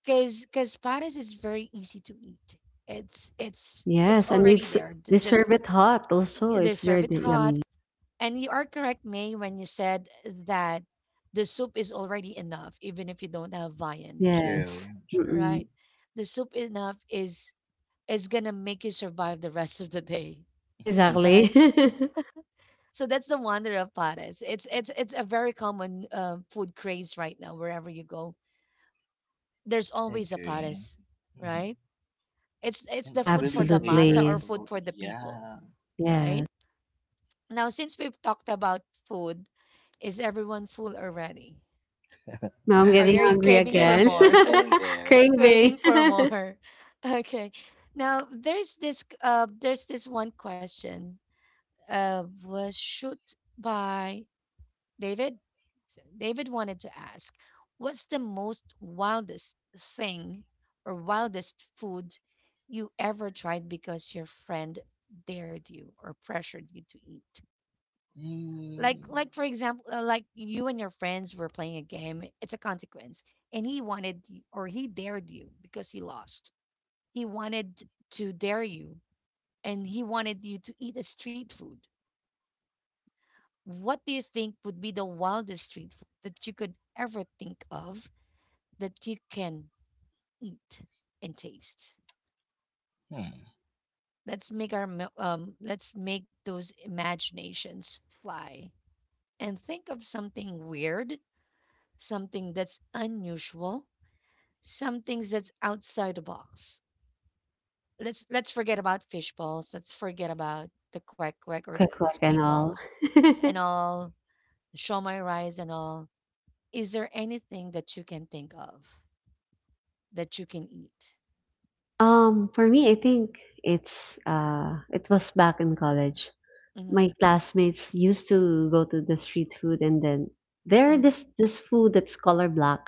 [SPEAKER 1] Cause pares is very easy to eat. It's
[SPEAKER 3] Yes, and
[SPEAKER 1] already
[SPEAKER 3] it's
[SPEAKER 1] there. To
[SPEAKER 3] they serve
[SPEAKER 1] just
[SPEAKER 3] it hot also.
[SPEAKER 1] they
[SPEAKER 3] It's
[SPEAKER 1] serve
[SPEAKER 3] very
[SPEAKER 1] it hot.
[SPEAKER 3] yummy.
[SPEAKER 1] And you are correct, May, when you said that the soup is already enough, even if you don't have viand,
[SPEAKER 2] True,
[SPEAKER 3] Yes.
[SPEAKER 2] true.
[SPEAKER 3] Mm-mm.
[SPEAKER 1] right? The soup enough is gonna make you survive the rest of the day, right?
[SPEAKER 3] Exactly.
[SPEAKER 1] So that's the wonder of pares. It's a very common food craze right now. Wherever you go, there's always a
[SPEAKER 2] Agree.
[SPEAKER 1] pares,
[SPEAKER 2] Mhm.
[SPEAKER 1] right? It's the
[SPEAKER 2] It's
[SPEAKER 1] food
[SPEAKER 2] really
[SPEAKER 1] for the masa or
[SPEAKER 3] Absolutely.
[SPEAKER 2] flavorful.
[SPEAKER 1] food for the people,
[SPEAKER 2] Yeah.
[SPEAKER 1] right?
[SPEAKER 3] Yes.
[SPEAKER 1] Now since we've talked about food, is everyone full already?
[SPEAKER 3] Now I'm
[SPEAKER 1] Or
[SPEAKER 3] getting
[SPEAKER 1] are you
[SPEAKER 3] hungry
[SPEAKER 1] craving for
[SPEAKER 2] getting
[SPEAKER 3] again.
[SPEAKER 2] there,
[SPEAKER 1] more?
[SPEAKER 2] getting there.
[SPEAKER 3] Craving.
[SPEAKER 1] Craving for more. Okay. Now there's this one question was shot by David. So David wanted to ask, what's the most wildest thing or wildest food you ever tried because your friend dared you or pressured you to eat?
[SPEAKER 2] Mm.
[SPEAKER 1] Like for example, like you and your friends were playing a game. It's a consequence, and he wanted or he dared you because he lost. He wanted to dare you, and he wanted you to eat a street food. What do you think would be the wildest street food that you could ever think of that you can eat and taste?
[SPEAKER 2] Hmm.
[SPEAKER 1] Let's let's make those imaginations fly and think of something weird, something that's unusual, some things that's outside the box. Let's forget about fish balls. Let's forget about the quack quack or the,
[SPEAKER 3] Quick,
[SPEAKER 1] the
[SPEAKER 3] quick
[SPEAKER 1] squid
[SPEAKER 3] and all.
[SPEAKER 1] balls and all. Show my rice and all. Is there anything that you can think of that you can eat?
[SPEAKER 3] For me, I think it's it was back in college.
[SPEAKER 1] Hmm.
[SPEAKER 3] My classmates used to go to the street food, and then there
[SPEAKER 1] Hmm.
[SPEAKER 3] this this food that's color black.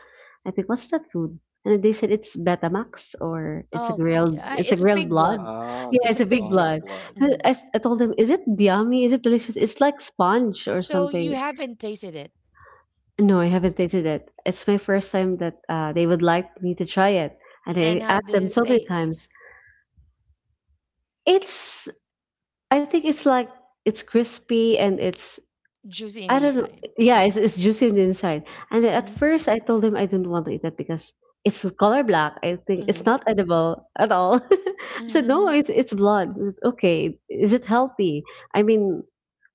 [SPEAKER 3] I think what's that food? And they said it's Betamax or
[SPEAKER 1] Oh,
[SPEAKER 3] it's a
[SPEAKER 1] it's a
[SPEAKER 3] grilled
[SPEAKER 1] pig blood.
[SPEAKER 3] blood. Yeah,
[SPEAKER 1] It's a
[SPEAKER 3] it's a big
[SPEAKER 1] pig
[SPEAKER 2] Oh the
[SPEAKER 3] blood.
[SPEAKER 1] blood.
[SPEAKER 2] blood.
[SPEAKER 3] And
[SPEAKER 1] Hmm.
[SPEAKER 3] I told them, is it yummy? Is it delicious? It's like sponge or
[SPEAKER 1] So you
[SPEAKER 3] something.
[SPEAKER 1] haven't tasted it.
[SPEAKER 3] No, I haven't tasted it. It's my first time that they would like me to try it. And
[SPEAKER 1] And
[SPEAKER 3] I
[SPEAKER 1] how
[SPEAKER 3] asked
[SPEAKER 1] did
[SPEAKER 3] them
[SPEAKER 1] it
[SPEAKER 3] so many
[SPEAKER 1] taste?
[SPEAKER 3] times. It's I think it's like it's crispy and it's
[SPEAKER 1] Juicy in
[SPEAKER 3] I
[SPEAKER 1] the
[SPEAKER 3] don't know.
[SPEAKER 1] side.
[SPEAKER 3] Yeah, it's juicy on the inside. And then at
[SPEAKER 1] Hmm.
[SPEAKER 3] first I told him I didn't want to eat that because it's color black. I think it's
[SPEAKER 1] Hmm.
[SPEAKER 3] not edible at all. I said no,
[SPEAKER 1] Hmm.
[SPEAKER 3] it's blood. Okay, is it healthy? I mean,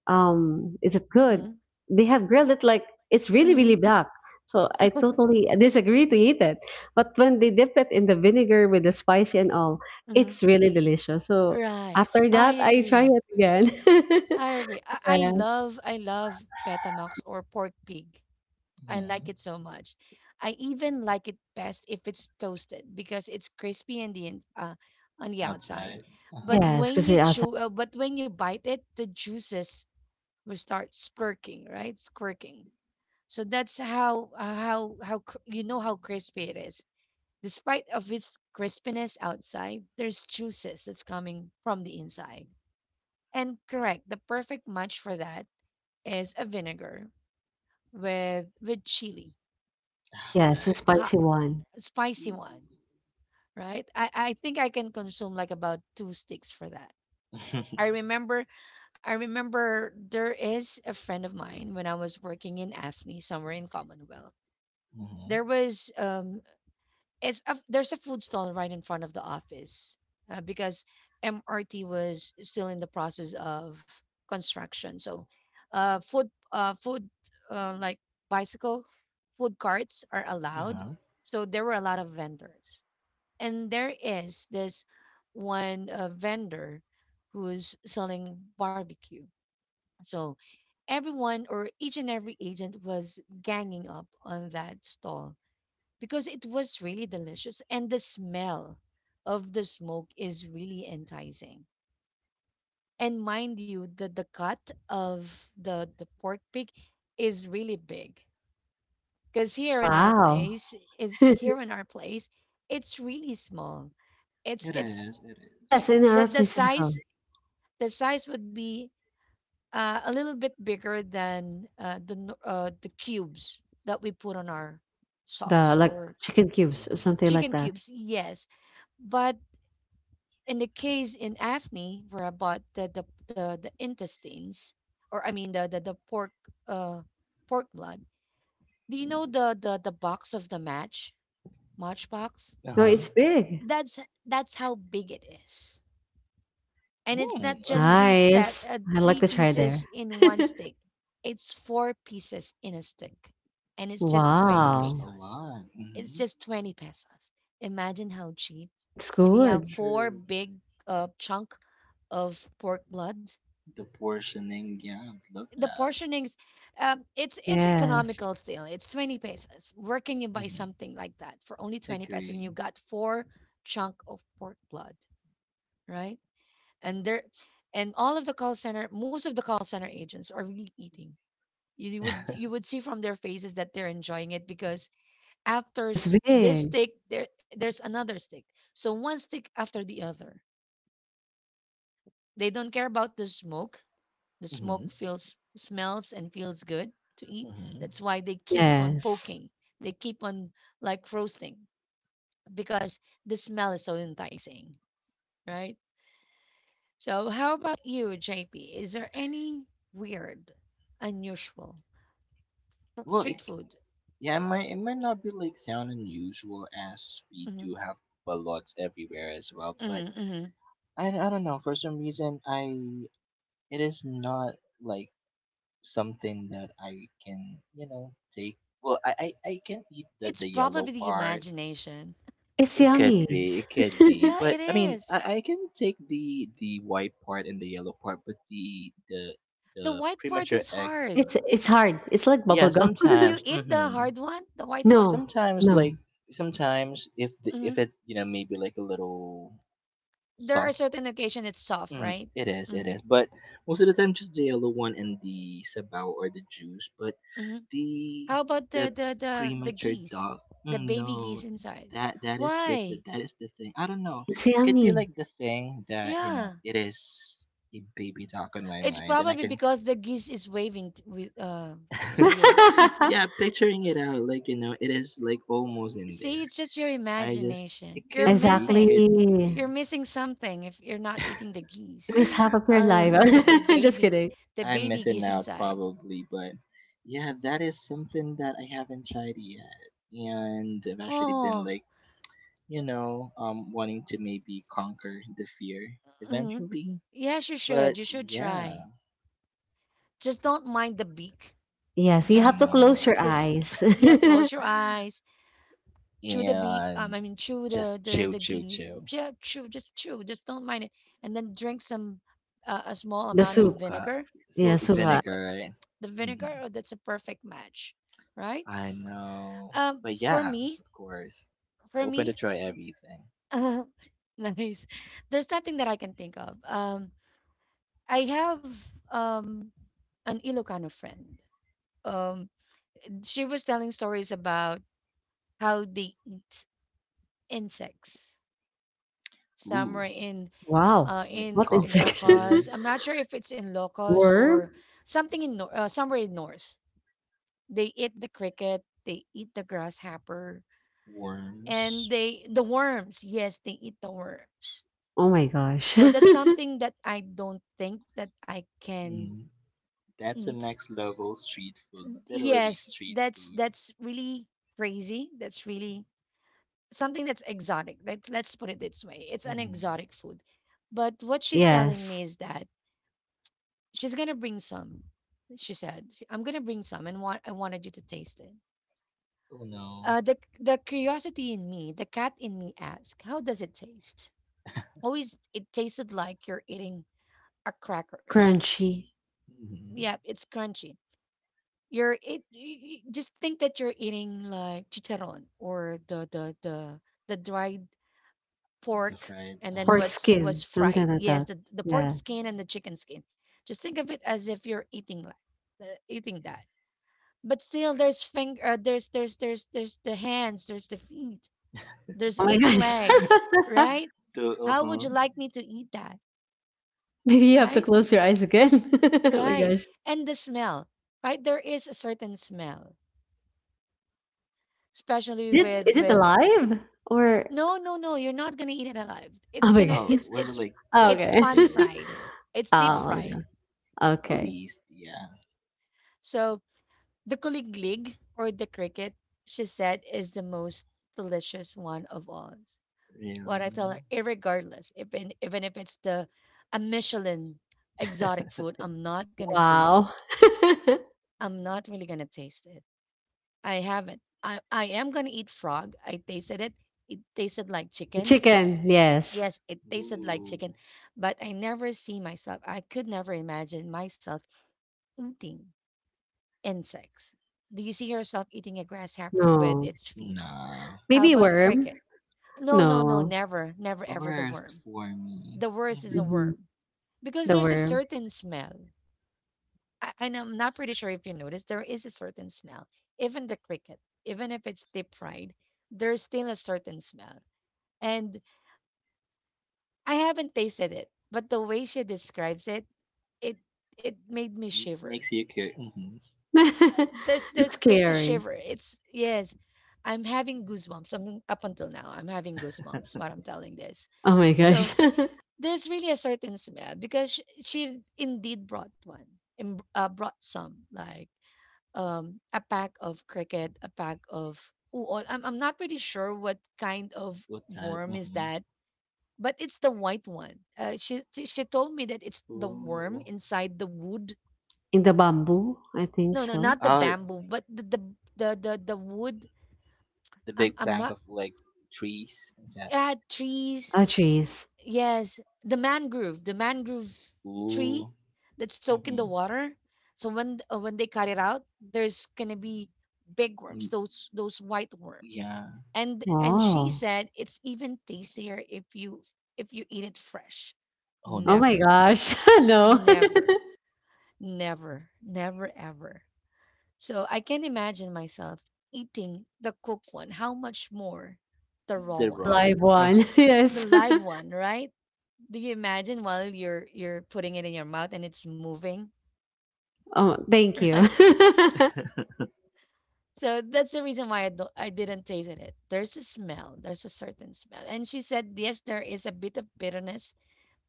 [SPEAKER 3] is it good,
[SPEAKER 1] Hmm.
[SPEAKER 3] they have grilled it like it's really really
[SPEAKER 1] Hmm.
[SPEAKER 3] black, so I totally disagree to eat it. But when they dip it in the vinegar with the spicy and all,
[SPEAKER 1] Hmm.
[SPEAKER 3] it's really delicious. So
[SPEAKER 1] Right.
[SPEAKER 3] after
[SPEAKER 1] I
[SPEAKER 3] that I try
[SPEAKER 1] agree.
[SPEAKER 3] it again.
[SPEAKER 1] I agree. I, I
[SPEAKER 3] Yeah.
[SPEAKER 1] love I love petamax or pork pig. I like
[SPEAKER 2] Hmm.
[SPEAKER 1] it so much. I even like it best if it's toasted because it's crispy on the on the outside.
[SPEAKER 2] Outside. Uh
[SPEAKER 1] But
[SPEAKER 2] huh.
[SPEAKER 3] Yes,
[SPEAKER 1] when you
[SPEAKER 3] crispy outside.
[SPEAKER 1] but when you bite it, the juices will start squirting, right? Squirting. So that's how how you know how crispy it is. Despite of its crispiness outside, there's juices that's coming from the inside. And correct, the perfect match for that is a vinegar with chili,
[SPEAKER 2] All
[SPEAKER 3] Yes, the
[SPEAKER 2] right.
[SPEAKER 1] hot,
[SPEAKER 3] spicy one.
[SPEAKER 1] spicy one, right? I think I can consume like about two sticks for that. I remember I remember there is a friend of mine when I was working in AFNI somewhere in Commonwealth. There
[SPEAKER 2] mm-hmm.
[SPEAKER 1] was there's a food stall right in front of the office, because MRT was still in the process of construction. So food food like bicycle food carts are
[SPEAKER 2] Uh
[SPEAKER 1] allowed.
[SPEAKER 2] huh.
[SPEAKER 1] So there were a lot of vendors, and there is this one vendor who's selling barbecue. So everyone or each and every agent was ganging up on that stall because it was really delicious, and the smell of the smoke is really enticing. And mind you, the cut of the pork pig is really big. Because here in our
[SPEAKER 3] Wow.
[SPEAKER 1] place is here in our place, it's really small.
[SPEAKER 2] It
[SPEAKER 1] It's
[SPEAKER 2] is. It is.
[SPEAKER 3] Yes, in
[SPEAKER 1] The
[SPEAKER 3] our place as well.
[SPEAKER 1] size, the size would be a little bit bigger than the no- the cubes that we put on our
[SPEAKER 3] The
[SPEAKER 1] sauce
[SPEAKER 3] like
[SPEAKER 1] or
[SPEAKER 3] chicken cubes or
[SPEAKER 2] Mm-hmm.
[SPEAKER 3] something like
[SPEAKER 1] chicken
[SPEAKER 3] that.
[SPEAKER 1] cubes. Yes, but in the case in Afni, where I bought the intestines, or I mean the pork uh pork blood. Do you know the box of the match matchbox?
[SPEAKER 2] Uh
[SPEAKER 3] No,
[SPEAKER 2] huh.
[SPEAKER 3] it's big.
[SPEAKER 1] That's that's how big it is. And it's
[SPEAKER 2] Mm,
[SPEAKER 1] not
[SPEAKER 2] I
[SPEAKER 1] just
[SPEAKER 2] mean,
[SPEAKER 3] Nice. I'd
[SPEAKER 1] three
[SPEAKER 3] like to try
[SPEAKER 1] pieces
[SPEAKER 3] there.
[SPEAKER 1] in one stick. It's four pieces in a stick, and it's just
[SPEAKER 2] that
[SPEAKER 1] 20
[SPEAKER 2] was
[SPEAKER 3] Wow,
[SPEAKER 2] a
[SPEAKER 1] pesos.
[SPEAKER 2] lot.
[SPEAKER 1] It's
[SPEAKER 2] Mm-hmm.
[SPEAKER 1] just 20 pesos. Imagine how cheap,
[SPEAKER 3] it's
[SPEAKER 1] and you have
[SPEAKER 3] good.
[SPEAKER 1] four
[SPEAKER 2] True.
[SPEAKER 1] big chunk of pork blood.
[SPEAKER 2] The portioning. Yeah, love
[SPEAKER 1] The
[SPEAKER 2] that.
[SPEAKER 1] portionings, it's
[SPEAKER 3] Yes.
[SPEAKER 1] economical. Still it's 20 pesos. Where can you buy
[SPEAKER 2] Mm-hmm.
[SPEAKER 1] something like that for only 20 pesos, and you
[SPEAKER 2] Agree.
[SPEAKER 1] got four chunk of pork blood? Right. And there, and all of the call center, most of the call center agents are really eating. You you would see from their faces that they're enjoying it, because after
[SPEAKER 3] It's
[SPEAKER 1] s- this
[SPEAKER 3] big.
[SPEAKER 1] stick, there there's another stick. So one stick after the other, they don't care about the smoke. The smoke
[SPEAKER 2] Mm-hmm.
[SPEAKER 1] feels smells and feels good to eat.
[SPEAKER 2] Mm-hmm.
[SPEAKER 1] That's why they keep on
[SPEAKER 3] Yes.
[SPEAKER 1] poking. They keep on like roasting, because the smell is so enticing, right? So, how about you, JP? Is there any weird, unusual
[SPEAKER 2] Well, it,
[SPEAKER 1] street food?
[SPEAKER 2] yeah, it might not be like sound unusual as we
[SPEAKER 1] Hmm.
[SPEAKER 2] do have ballots everywhere as well, but
[SPEAKER 1] Hmm. Hmm.
[SPEAKER 2] I don't know for some reason I it is not like something that I can you know take well I can eat
[SPEAKER 1] It's
[SPEAKER 2] the yellow
[SPEAKER 1] probably the
[SPEAKER 2] part.
[SPEAKER 1] imagination.
[SPEAKER 3] It's
[SPEAKER 2] It could
[SPEAKER 3] yummy.
[SPEAKER 2] be
[SPEAKER 1] Yeah,
[SPEAKER 2] but
[SPEAKER 1] it
[SPEAKER 2] I mean
[SPEAKER 1] is.
[SPEAKER 2] I can take the white part and the yellow part but
[SPEAKER 1] The
[SPEAKER 2] the
[SPEAKER 1] white part
[SPEAKER 2] premature
[SPEAKER 1] is
[SPEAKER 2] egg
[SPEAKER 1] hard.
[SPEAKER 3] It's hard. It's like
[SPEAKER 2] yeah
[SPEAKER 3] bubble gum.
[SPEAKER 1] Do you
[SPEAKER 2] sometimes
[SPEAKER 1] eat the
[SPEAKER 2] mm-hmm,
[SPEAKER 1] hard one, the white one?
[SPEAKER 3] No,
[SPEAKER 2] sometimes like
[SPEAKER 3] no.
[SPEAKER 2] sometimes if the
[SPEAKER 1] Hmm.
[SPEAKER 2] if it you know maybe like a little
[SPEAKER 1] There are
[SPEAKER 2] soft.
[SPEAKER 1] certain occasions it's soft,
[SPEAKER 2] Mm,
[SPEAKER 1] right?
[SPEAKER 2] it is, it
[SPEAKER 1] Hmm.
[SPEAKER 2] is. But most of the time, just the yellow one and the sabaw or the juice. But
[SPEAKER 1] Hmm.
[SPEAKER 2] the
[SPEAKER 1] How about
[SPEAKER 2] the
[SPEAKER 1] the
[SPEAKER 2] premature
[SPEAKER 1] geese,
[SPEAKER 2] dog,
[SPEAKER 1] the
[SPEAKER 2] mm,
[SPEAKER 1] baby geese
[SPEAKER 2] no,
[SPEAKER 1] inside?
[SPEAKER 2] that that is the
[SPEAKER 1] Why?
[SPEAKER 2] that is the thing. I don't know.
[SPEAKER 3] It's
[SPEAKER 2] It could be
[SPEAKER 3] yummy.
[SPEAKER 2] like the thing that you know
[SPEAKER 1] Yeah,
[SPEAKER 2] it is a baby dog on my
[SPEAKER 1] it's
[SPEAKER 2] mind, and I
[SPEAKER 1] probably
[SPEAKER 2] can,
[SPEAKER 1] because the geese is waving t- with to you.
[SPEAKER 2] yeah, picturing it out like you know it is like almost in
[SPEAKER 1] See,
[SPEAKER 2] there.
[SPEAKER 1] it's just your
[SPEAKER 2] I just it
[SPEAKER 1] imagination. You're
[SPEAKER 2] could be,
[SPEAKER 3] Exactly.
[SPEAKER 2] could
[SPEAKER 1] missing.
[SPEAKER 2] be.
[SPEAKER 1] You're missing something if you're not eating the
[SPEAKER 3] You
[SPEAKER 1] geese
[SPEAKER 3] miss half of
[SPEAKER 2] I
[SPEAKER 3] your
[SPEAKER 1] or the
[SPEAKER 2] don't
[SPEAKER 3] life.
[SPEAKER 1] the,
[SPEAKER 2] know.
[SPEAKER 1] the
[SPEAKER 3] Just
[SPEAKER 1] baby,
[SPEAKER 3] kidding.
[SPEAKER 1] the
[SPEAKER 2] I'm
[SPEAKER 1] baby
[SPEAKER 2] missing
[SPEAKER 1] geese
[SPEAKER 2] out
[SPEAKER 1] inside.
[SPEAKER 2] probably, but yeah, that is something that I haven't tried yet, and I've actually been
[SPEAKER 1] Oh,
[SPEAKER 2] like, you know, wanting to maybe conquer the fear
[SPEAKER 1] mm,
[SPEAKER 2] eventually.
[SPEAKER 1] yes, you should.
[SPEAKER 2] But
[SPEAKER 1] You should
[SPEAKER 2] yeah,
[SPEAKER 1] try. Just don't mind the beak.
[SPEAKER 3] Yes, you
[SPEAKER 2] I
[SPEAKER 1] Just
[SPEAKER 3] have to close
[SPEAKER 2] know,
[SPEAKER 3] your
[SPEAKER 1] this.
[SPEAKER 3] eyes.
[SPEAKER 1] Yeah, close your eyes. Chew the beak.
[SPEAKER 2] and
[SPEAKER 1] I mean, chew the
[SPEAKER 2] just
[SPEAKER 1] the the geese.
[SPEAKER 2] chill.
[SPEAKER 1] Yeah, chew. Just chew. Just don't mind it. And then drink some a small
[SPEAKER 3] The
[SPEAKER 1] amount of
[SPEAKER 3] soup.
[SPEAKER 2] Zuka,
[SPEAKER 1] vinegar,
[SPEAKER 3] Yeah,
[SPEAKER 2] so
[SPEAKER 1] the
[SPEAKER 3] soup. Ah.
[SPEAKER 1] soup,
[SPEAKER 2] vinegar, right?
[SPEAKER 1] the
[SPEAKER 2] Hmm.
[SPEAKER 1] vinegar. Oh, that's a perfect match, right?
[SPEAKER 2] I know,
[SPEAKER 1] Um,
[SPEAKER 2] but
[SPEAKER 1] for
[SPEAKER 2] yeah,
[SPEAKER 1] me,
[SPEAKER 2] of course,
[SPEAKER 1] for
[SPEAKER 2] open to
[SPEAKER 1] me,
[SPEAKER 2] try everything.
[SPEAKER 1] uh, nice. There's nothing that I can think of. I have um an Ilocano friend. Um, she was telling stories about how they eat insects. Somewhere
[SPEAKER 2] Ooh,
[SPEAKER 3] Wow.
[SPEAKER 2] like
[SPEAKER 1] in
[SPEAKER 3] What insect?
[SPEAKER 1] Ilocos, I'm not
[SPEAKER 2] cockroaches,
[SPEAKER 1] sure if it's in Ilocos
[SPEAKER 3] Worm?
[SPEAKER 1] or something in nor- somewhere in north. They eat the cricket. They eat the grasshopper, and
[SPEAKER 2] worms.
[SPEAKER 1] they eat the worms.
[SPEAKER 3] Oh my gosh.
[SPEAKER 1] So that's something that I don't think that I can
[SPEAKER 2] Mm, that's a
[SPEAKER 1] eat.
[SPEAKER 2] next level street food, literally
[SPEAKER 1] Yes,
[SPEAKER 2] street food.
[SPEAKER 1] that's really crazy. That's really something that's exotic. Like let's put it this way, it's an
[SPEAKER 2] Hmm.
[SPEAKER 1] exotic food. But what she's telling
[SPEAKER 3] Yes.
[SPEAKER 1] me is that she's gonna bring some she said, "She- I'm gonna bring some and want, I wanted you to taste it."
[SPEAKER 2] Oh no.
[SPEAKER 1] The curiosity in me, the cat in me asked, "How does it taste?" Always, it tasted like you're eating are crackers.
[SPEAKER 3] Crunchy.
[SPEAKER 2] Hmm.
[SPEAKER 1] Yeah, it's crunchy. You're it. You just think that you're eating like chicharron or the dried
[SPEAKER 2] The
[SPEAKER 1] pork,
[SPEAKER 2] fried,
[SPEAKER 1] and then
[SPEAKER 3] Pork
[SPEAKER 2] uh-huh.
[SPEAKER 1] what's was
[SPEAKER 3] skin. Something
[SPEAKER 1] fried.
[SPEAKER 3] like
[SPEAKER 1] Yes,
[SPEAKER 3] that.
[SPEAKER 1] the pork
[SPEAKER 3] Yeah.
[SPEAKER 1] skin and the chicken skin. Just think of it as if you're eating like eating that. But still, there's finger. There's the hands. There's the feet. There's
[SPEAKER 3] Oh my
[SPEAKER 1] eight
[SPEAKER 3] gosh.
[SPEAKER 1] legs, right?
[SPEAKER 2] The,
[SPEAKER 1] How would
[SPEAKER 2] uh-huh.
[SPEAKER 1] you like me to eat that?
[SPEAKER 3] Maybe you have to
[SPEAKER 1] Right?
[SPEAKER 3] close your eyes again. Oh my
[SPEAKER 1] Right.
[SPEAKER 3] gosh.
[SPEAKER 1] And the smell, right? There is a certain smell,
[SPEAKER 3] Is
[SPEAKER 1] especially with
[SPEAKER 3] it alive or
[SPEAKER 1] no, no, no, you're not gonna eat it alive.
[SPEAKER 3] oh my god.
[SPEAKER 2] Oh, was it like
[SPEAKER 3] Oh,
[SPEAKER 1] It's
[SPEAKER 2] cooked
[SPEAKER 3] okay.
[SPEAKER 1] pan
[SPEAKER 2] still?
[SPEAKER 1] fried. It's deep
[SPEAKER 3] Oh, no.
[SPEAKER 2] Okay.
[SPEAKER 1] fried.
[SPEAKER 2] At
[SPEAKER 3] Okay.
[SPEAKER 2] least, yeah.
[SPEAKER 1] So the kuliglig or the cricket, she said, is the most delicious one of all. What I tell her,
[SPEAKER 2] Really?
[SPEAKER 1] irregardless, even even if it's the a Michelin exotic food, I'm not gonna taste it.
[SPEAKER 3] Wow.
[SPEAKER 1] I'm not really gonna taste it. I haven't. I am gonna eat frog. I tasted it. It tasted like chicken.
[SPEAKER 3] Chicken, yes.
[SPEAKER 1] Yes, it tasted like
[SPEAKER 2] Ooh.
[SPEAKER 1] chicken, but I never see myself. I could never imagine myself eating insects. Do you see yourself eating a grasshopper with
[SPEAKER 3] No.
[SPEAKER 1] its feet?
[SPEAKER 2] Nah.
[SPEAKER 1] How
[SPEAKER 3] Maybe
[SPEAKER 1] about
[SPEAKER 2] No.
[SPEAKER 3] worm?
[SPEAKER 1] cricket? No, no, no,
[SPEAKER 3] No.
[SPEAKER 1] never, never, ever the
[SPEAKER 2] Worst
[SPEAKER 1] worm.
[SPEAKER 2] for me.
[SPEAKER 1] The worst is a
[SPEAKER 2] Hmm.
[SPEAKER 3] Mhm.
[SPEAKER 1] worm, because
[SPEAKER 3] The
[SPEAKER 1] there's a
[SPEAKER 3] worm.
[SPEAKER 1] certain smell. And I'm not pretty sure if you noticed, there is a certain smell. Even the cricket, even if it's deep fried, there's still a certain smell. And I haven't tasted it, but the way she describes it, it it made me shiver.
[SPEAKER 2] Makes you care. Hmm.
[SPEAKER 1] There's
[SPEAKER 3] It's
[SPEAKER 1] a
[SPEAKER 3] scary.
[SPEAKER 1] shiver. It's yes, I'm having goosebumps. Up until now, I'm having goosebumps while I'm telling this.
[SPEAKER 3] Oh my
[SPEAKER 1] So
[SPEAKER 3] gosh.
[SPEAKER 1] there's really a certain smell because she indeed brought one, and brought some like a pack of cricket, a pack of uod. I'm not pretty sure what kind of
[SPEAKER 2] What type?
[SPEAKER 1] worm is
[SPEAKER 2] Hmm.
[SPEAKER 1] that, but it's the white one. She told me that it's the worm
[SPEAKER 2] Ooh.
[SPEAKER 1] inside the wood.
[SPEAKER 3] In the bamboo, I think
[SPEAKER 1] No, no,
[SPEAKER 3] so.
[SPEAKER 1] not the
[SPEAKER 2] Oh,
[SPEAKER 1] bamboo, but the wood.
[SPEAKER 2] the
[SPEAKER 1] I'm
[SPEAKER 2] big
[SPEAKER 1] I'm
[SPEAKER 2] plank
[SPEAKER 1] not
[SPEAKER 2] of like trees. Is that?
[SPEAKER 1] trees.
[SPEAKER 3] Oh, trees.
[SPEAKER 1] Yes, the mangrove tree
[SPEAKER 2] Ooh.
[SPEAKER 1] that's soak in the
[SPEAKER 2] Mhm.
[SPEAKER 1] water. So when they cut it out, there's gonna be big
[SPEAKER 2] Mm,
[SPEAKER 1] worms, those white worms.
[SPEAKER 2] yeah.
[SPEAKER 1] And she
[SPEAKER 3] Oh.
[SPEAKER 1] said it's even tastier if you, if you eat it fresh.
[SPEAKER 2] Oh
[SPEAKER 3] Oh
[SPEAKER 2] no.
[SPEAKER 3] my
[SPEAKER 1] Never,
[SPEAKER 3] gosh. No.
[SPEAKER 1] never, never, never ever. So I can imagine myself eating the cooked one, how much more the raw
[SPEAKER 2] The
[SPEAKER 3] The
[SPEAKER 1] one,
[SPEAKER 2] raw.
[SPEAKER 3] live one.
[SPEAKER 1] the
[SPEAKER 3] Yes.
[SPEAKER 1] live one, right? Do you imagine while you're putting it in your mouth and it's moving?
[SPEAKER 3] Oh, thank you.
[SPEAKER 1] right. So that's the reason why I didn't taste it. There's a smell. There's a certain smell. And she said, yes, there is a bit of bitterness,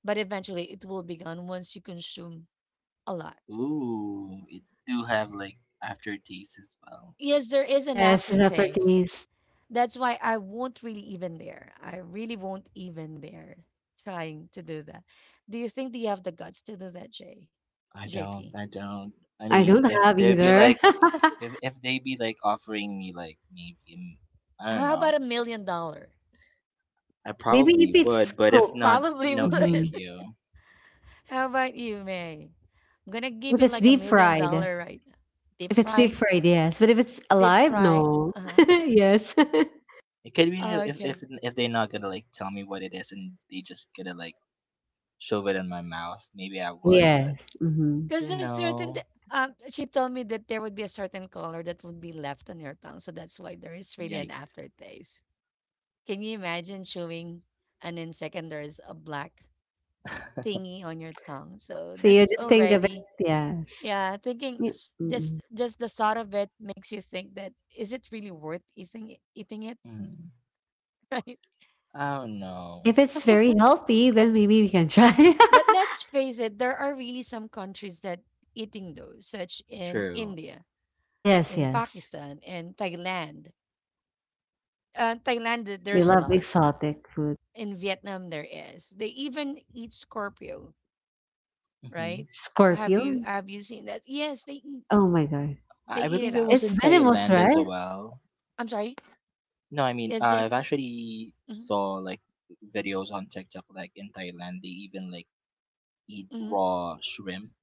[SPEAKER 1] but eventually it will be gone once you consume a lot.
[SPEAKER 2] Ooh, it do have like aftertaste as well.
[SPEAKER 1] Yes, there is an
[SPEAKER 3] Yes, after
[SPEAKER 1] aftertaste.
[SPEAKER 3] these,
[SPEAKER 1] That's why I won't really even dare. I really won't even dare trying to do that. Do you think, do you have the guts to do that, Jay?
[SPEAKER 2] I don't.
[SPEAKER 1] JP?
[SPEAKER 2] I don't. I
[SPEAKER 3] I
[SPEAKER 2] mean,
[SPEAKER 3] don't
[SPEAKER 2] if
[SPEAKER 3] have
[SPEAKER 2] they be
[SPEAKER 3] either.
[SPEAKER 2] like, if if they be like offering me like maybe, mm, I don't
[SPEAKER 1] How
[SPEAKER 2] know.
[SPEAKER 1] about $1 million?
[SPEAKER 2] I
[SPEAKER 3] Maybe
[SPEAKER 2] probably
[SPEAKER 3] if it's
[SPEAKER 2] would, but if
[SPEAKER 3] cooked.
[SPEAKER 2] not,
[SPEAKER 1] Probably
[SPEAKER 2] no,
[SPEAKER 1] would.
[SPEAKER 2] thank
[SPEAKER 3] Mhm.
[SPEAKER 2] you.
[SPEAKER 1] How about you, May? I'm gonna give
[SPEAKER 3] If
[SPEAKER 1] you
[SPEAKER 3] it's
[SPEAKER 1] like a
[SPEAKER 3] deep
[SPEAKER 1] million
[SPEAKER 3] fried.
[SPEAKER 1] dollar right now. Deep
[SPEAKER 3] If it's deep
[SPEAKER 1] fried,
[SPEAKER 3] fried, yes. But if it's
[SPEAKER 1] deep
[SPEAKER 3] alive,
[SPEAKER 1] fried.
[SPEAKER 3] no.
[SPEAKER 1] Uh
[SPEAKER 3] Yes.
[SPEAKER 2] It could be
[SPEAKER 1] huh.
[SPEAKER 2] that if if
[SPEAKER 1] Okay.
[SPEAKER 2] if they're not gonna like tell me what it is and they just gonna like shove it in my mouth. Maybe I would, but
[SPEAKER 3] Yes. hmm
[SPEAKER 2] you
[SPEAKER 1] Because there's
[SPEAKER 2] know,
[SPEAKER 1] she told me that there would be a certain color that would be left on your tongue, so that's why there is really an
[SPEAKER 2] yikes.
[SPEAKER 1] aftertaste. Can you imagine chewing, and in second there's a black thingy on your tongue? So
[SPEAKER 3] So you
[SPEAKER 1] that's
[SPEAKER 3] just think of it,
[SPEAKER 1] already
[SPEAKER 3] yes.
[SPEAKER 1] yeah, thinking,
[SPEAKER 3] Mm.
[SPEAKER 1] just the thought of it makes you think that is it really worth eating it,
[SPEAKER 2] Mm.
[SPEAKER 1] right?
[SPEAKER 2] I don't
[SPEAKER 3] If
[SPEAKER 2] know.
[SPEAKER 3] it's very healthy, then maybe we can try.
[SPEAKER 1] But let's face it, there are really some countries that eating those, such in
[SPEAKER 2] True.
[SPEAKER 1] India,
[SPEAKER 3] Yes,
[SPEAKER 1] in
[SPEAKER 3] yes.
[SPEAKER 1] Pakistan, and Thailand. Thailand,
[SPEAKER 3] They
[SPEAKER 1] there's a
[SPEAKER 3] love
[SPEAKER 1] lot.
[SPEAKER 3] exotic food.
[SPEAKER 1] In Vietnam, there is. They even eat Scorpio, right?
[SPEAKER 2] Hmm.
[SPEAKER 1] Have you
[SPEAKER 3] Scorpion.
[SPEAKER 1] have you seen that? Yes, they eat.
[SPEAKER 3] Oh my God.
[SPEAKER 1] They
[SPEAKER 2] I
[SPEAKER 1] eat it
[SPEAKER 2] believe it
[SPEAKER 1] out.
[SPEAKER 2] was
[SPEAKER 3] It's
[SPEAKER 2] in
[SPEAKER 3] venomous,
[SPEAKER 2] Thailand as
[SPEAKER 3] right?
[SPEAKER 2] well.
[SPEAKER 1] I'm sorry.
[SPEAKER 2] No, I mean,
[SPEAKER 1] Yes,
[SPEAKER 2] I've
[SPEAKER 1] JP.
[SPEAKER 2] actually
[SPEAKER 1] Hmm.
[SPEAKER 2] saw like videos on TikTok, like in Thailand, they even like eat
[SPEAKER 1] Hmm.
[SPEAKER 2] raw shrimp,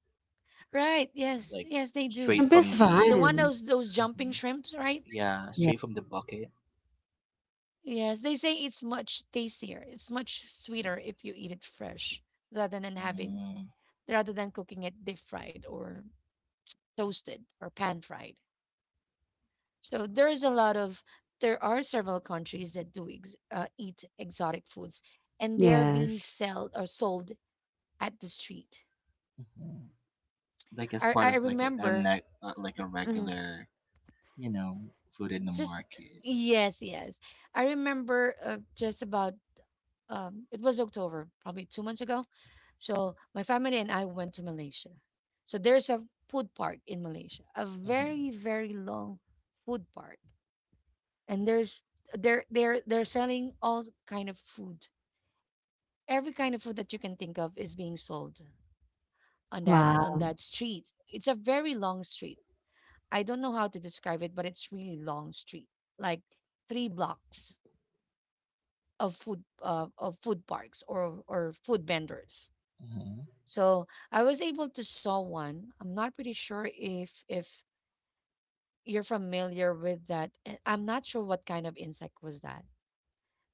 [SPEAKER 1] Right. Yes.
[SPEAKER 2] like
[SPEAKER 1] Yes, they do.
[SPEAKER 2] straight
[SPEAKER 3] Shrimp is
[SPEAKER 2] from the,
[SPEAKER 1] The one
[SPEAKER 3] fine.
[SPEAKER 1] those jumping
[SPEAKER 2] hmm
[SPEAKER 1] shrimps, right?
[SPEAKER 2] yeah,
[SPEAKER 3] Yeah.
[SPEAKER 2] straight from the bucket.
[SPEAKER 1] Yes, they say it's much tastier. It's much sweeter if you eat it fresh rather than having
[SPEAKER 2] Mm-hmm.
[SPEAKER 1] rather than cooking it deep fried or toasted or pan fried. So there's a lot of there are several countries that eat exotic foods, and they are being
[SPEAKER 3] Yes.
[SPEAKER 1] sold or sold at the street.
[SPEAKER 2] Like as
[SPEAKER 1] I
[SPEAKER 2] part
[SPEAKER 1] I
[SPEAKER 2] of like a,
[SPEAKER 1] remember
[SPEAKER 2] like a
[SPEAKER 1] Mm.
[SPEAKER 2] regular, you know, food in the
[SPEAKER 1] just
[SPEAKER 2] market.
[SPEAKER 1] yes yes I remember just about it was October, probably 2 months ago. So my family and I went to Malaysia. So there's a food park in Malaysia, a very very long food park, and there's they're selling all kind of food. Every kind of food that you can think of is being sold on
[SPEAKER 3] Wow.
[SPEAKER 1] that street. It's a very long street. I don't know how to describe it, but it's really long street, like three blocks of food, of food parks or food vendors.
[SPEAKER 2] Hmm.
[SPEAKER 1] So I was able to saw one. I'm not pretty sure if you're familiar with that, and I'm not sure what kind of insect was that,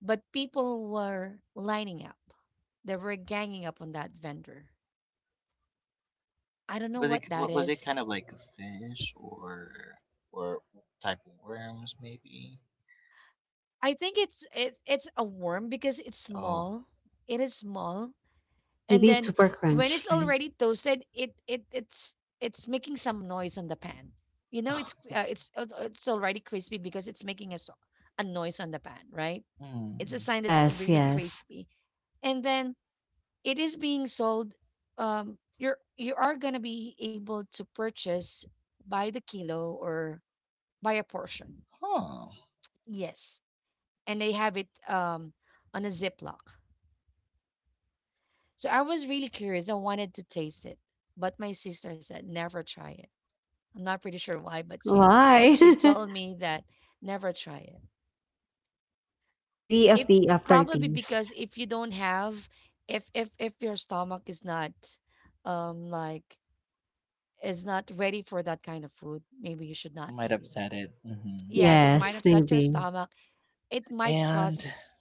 [SPEAKER 1] but people were lining up. They were ganging up on that vendor. I don't know
[SPEAKER 2] Was
[SPEAKER 1] what
[SPEAKER 2] it
[SPEAKER 1] that
[SPEAKER 2] was
[SPEAKER 1] is.
[SPEAKER 2] it kind of like a fish or type of worms maybe?
[SPEAKER 1] I think it's a worm because it's
[SPEAKER 2] Oh,
[SPEAKER 1] small. It is small, and
[SPEAKER 3] Maybe it's
[SPEAKER 1] then
[SPEAKER 3] super
[SPEAKER 1] when it's
[SPEAKER 3] crunchy.
[SPEAKER 1] already toasted, it's making some noise on the pan. You know, it's already crispy because it's making a a noise on the pan, right? It's a
[SPEAKER 2] hmm,
[SPEAKER 1] sign that's
[SPEAKER 3] Yes,
[SPEAKER 1] really
[SPEAKER 3] yes.
[SPEAKER 1] crispy, and then it is being sold. You're you are gonna be able to purchase by the kilo or by a portion.
[SPEAKER 2] huh.
[SPEAKER 1] Yes, and they have it on a Ziploc. So I was really curious. I wanted to taste it, but my sister said never try it. I'm not pretty sure why, but
[SPEAKER 3] Why?
[SPEAKER 1] she told me that never try it.
[SPEAKER 3] Maybe of
[SPEAKER 1] It
[SPEAKER 3] the
[SPEAKER 1] probably
[SPEAKER 3] aftertaste.
[SPEAKER 1] because if you don't have if your stomach is not um like is not ready for that kind of food, maybe you should not
[SPEAKER 2] Might
[SPEAKER 1] eat it.
[SPEAKER 2] upset it. Hmm.
[SPEAKER 1] Yes, it might
[SPEAKER 3] Yes,
[SPEAKER 1] upset your
[SPEAKER 3] maybe.
[SPEAKER 1] stomach. It might
[SPEAKER 2] And
[SPEAKER 1] cause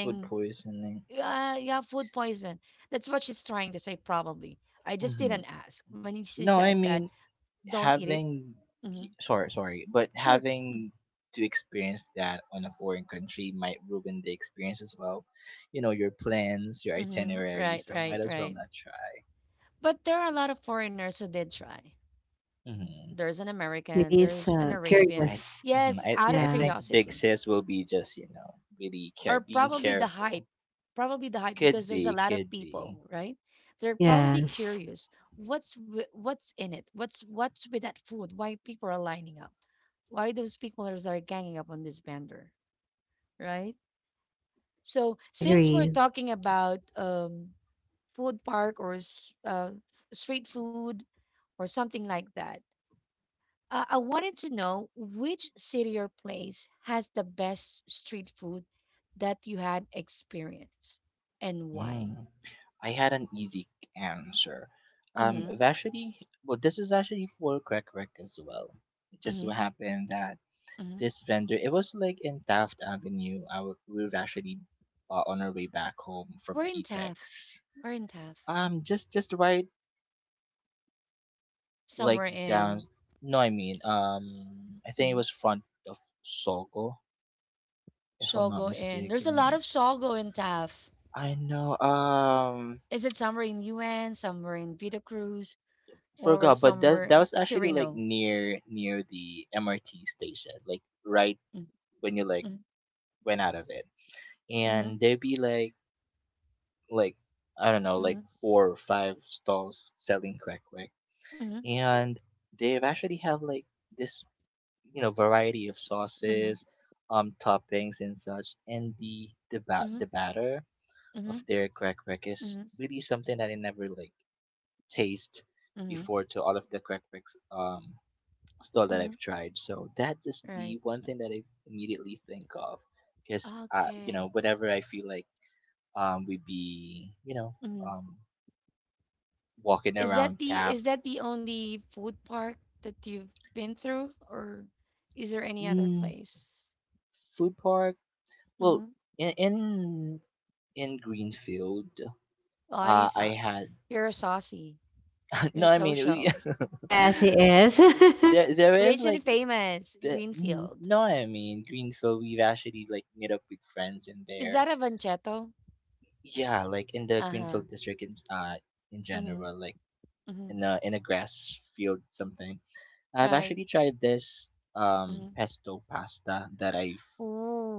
[SPEAKER 2] food poisoning.
[SPEAKER 1] Yeah, yeah, food poison. That's what she's trying to say, probably. I just
[SPEAKER 2] Hmm.
[SPEAKER 1] didn't ask. When she
[SPEAKER 2] No, I
[SPEAKER 1] said that,
[SPEAKER 2] mean
[SPEAKER 1] don't eat it.
[SPEAKER 2] having.
[SPEAKER 1] Hmm.
[SPEAKER 2] Sorry, sorry, but
[SPEAKER 1] Sure.
[SPEAKER 2] having to experience that on a foreign country might ruin the experience as well. You know your plans, your
[SPEAKER 1] Mm-hmm.
[SPEAKER 2] itinerary.
[SPEAKER 1] Right,
[SPEAKER 2] So might
[SPEAKER 1] right,
[SPEAKER 2] as well
[SPEAKER 1] right.
[SPEAKER 2] not try.
[SPEAKER 1] But there are a lot of foreigners who did try.
[SPEAKER 2] Hmm.
[SPEAKER 1] There's an American,
[SPEAKER 3] Maybe it's
[SPEAKER 1] there's an Arabian.
[SPEAKER 2] I
[SPEAKER 3] curious.
[SPEAKER 2] mhm,
[SPEAKER 1] Yes,
[SPEAKER 2] I
[SPEAKER 1] out
[SPEAKER 2] I
[SPEAKER 1] of
[SPEAKER 3] Yeah.
[SPEAKER 2] think Big
[SPEAKER 1] curiosity.
[SPEAKER 2] Sis will be just you know really care
[SPEAKER 1] Or
[SPEAKER 2] being
[SPEAKER 1] probably the
[SPEAKER 2] careful.
[SPEAKER 1] hype Probably the hype,
[SPEAKER 2] Could
[SPEAKER 1] because there's a
[SPEAKER 2] be,
[SPEAKER 1] lot of
[SPEAKER 2] could be.
[SPEAKER 1] people, right? They're probably
[SPEAKER 3] Yes.
[SPEAKER 1] curious what's what's in it, what's with that food, why people are lining up, why those people are ganging up on this vendor, right? So since we're
[SPEAKER 3] Agree.
[SPEAKER 1] talking about food park or street food or something like that, I wanted to know which city or place has the best street food that you had experienced and why.
[SPEAKER 2] Mm. I had an easy answer.
[SPEAKER 1] Mm-hmm,
[SPEAKER 2] I've actually, well, this was actually for Crack Crack as well. It just
[SPEAKER 1] mm-hmm,
[SPEAKER 2] so happened that
[SPEAKER 1] mm-hmm.
[SPEAKER 2] this vendor, it was like in Taft Avenue. We were actually on our way back home from
[SPEAKER 1] We're in Taft.
[SPEAKER 2] PTEX.
[SPEAKER 1] We're in Taft.
[SPEAKER 2] Just right
[SPEAKER 1] Somewhere
[SPEAKER 2] like down.
[SPEAKER 1] in,
[SPEAKER 2] No, I mean, I think it
[SPEAKER 1] mhm,
[SPEAKER 2] was front of Sogo if I'm not
[SPEAKER 1] Shogo in. There's a lot
[SPEAKER 2] mistaken.
[SPEAKER 1] of Shogo in Taft.
[SPEAKER 2] I know. Um,
[SPEAKER 1] Is it somewhere in UN, somewhere in Vita Cruz, or
[SPEAKER 2] forgot, but
[SPEAKER 1] somewhere
[SPEAKER 2] that's that
[SPEAKER 1] in
[SPEAKER 2] was actually like
[SPEAKER 1] Quirino?
[SPEAKER 2] near the MRT station, like right when you like
[SPEAKER 1] Mm-hmm,
[SPEAKER 2] went out of it,
[SPEAKER 1] mm-hmm,
[SPEAKER 2] and there'd be like like I don't know,
[SPEAKER 1] mm-hmm,
[SPEAKER 2] like four or five stalls selling crack crack,
[SPEAKER 1] mm-hmm,
[SPEAKER 2] and they actually have like this variety of
[SPEAKER 1] mm-hmm,
[SPEAKER 2] sauces, toppings and such, and the the ba-
[SPEAKER 1] mm-hmm,
[SPEAKER 2] the batter
[SPEAKER 1] mm-hmm, mm-hmm,
[SPEAKER 2] of their crack crack is
[SPEAKER 1] mm-hmm,
[SPEAKER 2] really something that I never like taste
[SPEAKER 1] mm-hmm,
[SPEAKER 2] before to all of the Crackpacks stall that
[SPEAKER 1] mm-hmm.
[SPEAKER 2] I've tried. So that is the
[SPEAKER 1] Right.
[SPEAKER 2] one thing that I immediately think of, because
[SPEAKER 1] Okay.
[SPEAKER 2] whenever I feel like we'd be
[SPEAKER 1] Mhm.
[SPEAKER 2] um, walking
[SPEAKER 1] Is
[SPEAKER 2] around
[SPEAKER 1] that the
[SPEAKER 2] Taft
[SPEAKER 1] only food park that you've been through, or is there any other
[SPEAKER 2] mm,
[SPEAKER 1] place?
[SPEAKER 2] Food Park. Well,
[SPEAKER 1] Mm-hmm.
[SPEAKER 2] in in, in Greenfield,
[SPEAKER 1] Oh, you
[SPEAKER 2] I
[SPEAKER 1] saw,
[SPEAKER 2] had
[SPEAKER 1] you're saucy. You're
[SPEAKER 2] no. I mean,
[SPEAKER 1] social.
[SPEAKER 3] Yes, it is.
[SPEAKER 2] there is
[SPEAKER 1] Rich
[SPEAKER 2] like
[SPEAKER 1] and famous. Greenfield.
[SPEAKER 2] no. I mean, Greenfield. We've actually like met up with friends in
[SPEAKER 1] Is
[SPEAKER 2] there,
[SPEAKER 1] that a Vanchetto?
[SPEAKER 2] yeah, like in the
[SPEAKER 1] Uh huh.
[SPEAKER 2] Greenfield district in
[SPEAKER 1] Mm-hmm.
[SPEAKER 2] general, like
[SPEAKER 1] Mm-hmm.
[SPEAKER 2] in a grass field something. I've
[SPEAKER 1] Right.
[SPEAKER 2] actually tried this
[SPEAKER 1] Mm-hmm.
[SPEAKER 2] pesto pasta that I've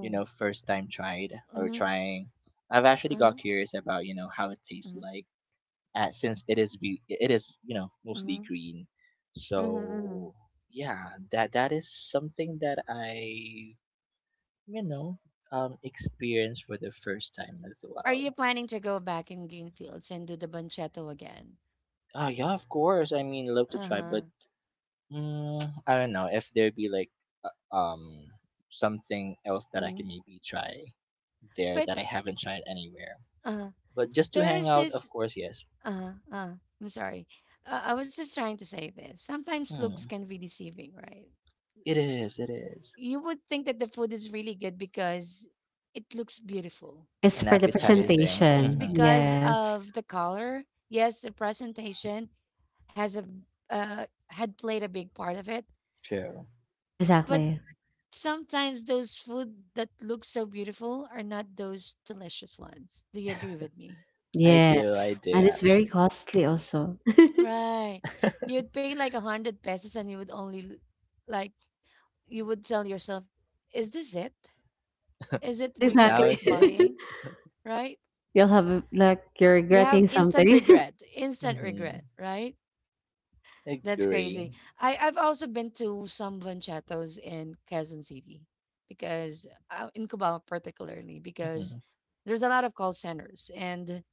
[SPEAKER 2] first time tried or
[SPEAKER 1] Mm-hmm.
[SPEAKER 2] trying. I've actually got
[SPEAKER 1] Uh-huh.
[SPEAKER 2] curious about how it tastes
[SPEAKER 1] Mm-hmm.
[SPEAKER 2] like since it is
[SPEAKER 1] Mm-hmm.
[SPEAKER 2] mostly green.
[SPEAKER 1] Mm-hmm.
[SPEAKER 2] So yeah, that is something that I you know experienced for the first time as
[SPEAKER 1] Are you
[SPEAKER 2] well.
[SPEAKER 1] planning to go back in Greenfields and do the Banchetto again?
[SPEAKER 2] Ah yeah, of course. I mean, love to
[SPEAKER 1] Uh
[SPEAKER 2] try,
[SPEAKER 1] huh.
[SPEAKER 2] but mm, I don't know if there'd be like uh, um something else that I
[SPEAKER 1] Mm-hmm.
[SPEAKER 2] could maybe try there
[SPEAKER 1] But
[SPEAKER 2] that I haven't tried anywhere.
[SPEAKER 1] uh,
[SPEAKER 2] But just to
[SPEAKER 1] there
[SPEAKER 2] hang
[SPEAKER 1] is
[SPEAKER 2] out,
[SPEAKER 1] this
[SPEAKER 2] of course, yes.
[SPEAKER 1] Uh, uh, I'm sorry. I was just trying to say this. Sometimes looks
[SPEAKER 2] Hmm.
[SPEAKER 1] can be deceiving, right?
[SPEAKER 2] It is. It is.
[SPEAKER 1] You would think that the food is really good because it looks beautiful,
[SPEAKER 3] It's
[SPEAKER 2] And
[SPEAKER 3] for the
[SPEAKER 1] right?
[SPEAKER 2] appetizing.
[SPEAKER 1] It's
[SPEAKER 3] presentation.
[SPEAKER 2] Mm-hmm.
[SPEAKER 1] because
[SPEAKER 3] Yes.
[SPEAKER 1] of the color. Yes, the presentation has a had played a big part of it,
[SPEAKER 2] True.
[SPEAKER 1] but
[SPEAKER 3] Exactly.
[SPEAKER 1] sometimes those food that look so beautiful are not those delicious ones. Do you agree with me?
[SPEAKER 2] I do. I
[SPEAKER 3] Yes.
[SPEAKER 2] do
[SPEAKER 3] And it's very
[SPEAKER 2] actually.
[SPEAKER 3] costly also.
[SPEAKER 1] Right. You'd pay like 100 pesos and you would only like you would tell yourself, is this it? Is it really
[SPEAKER 2] That
[SPEAKER 3] Exactly.
[SPEAKER 1] worth
[SPEAKER 2] was it.
[SPEAKER 1] buying? Right?
[SPEAKER 3] You'll have like you're
[SPEAKER 1] You have
[SPEAKER 3] regretting something.
[SPEAKER 1] instant regret,
[SPEAKER 2] Mm-hmm.
[SPEAKER 1] right? That's crazy.
[SPEAKER 2] Agree.
[SPEAKER 1] I've also been to some banchatos in Quezon City because in Cubao particularly,
[SPEAKER 2] Mm-hmm.
[SPEAKER 1] because there's a lot of call centers and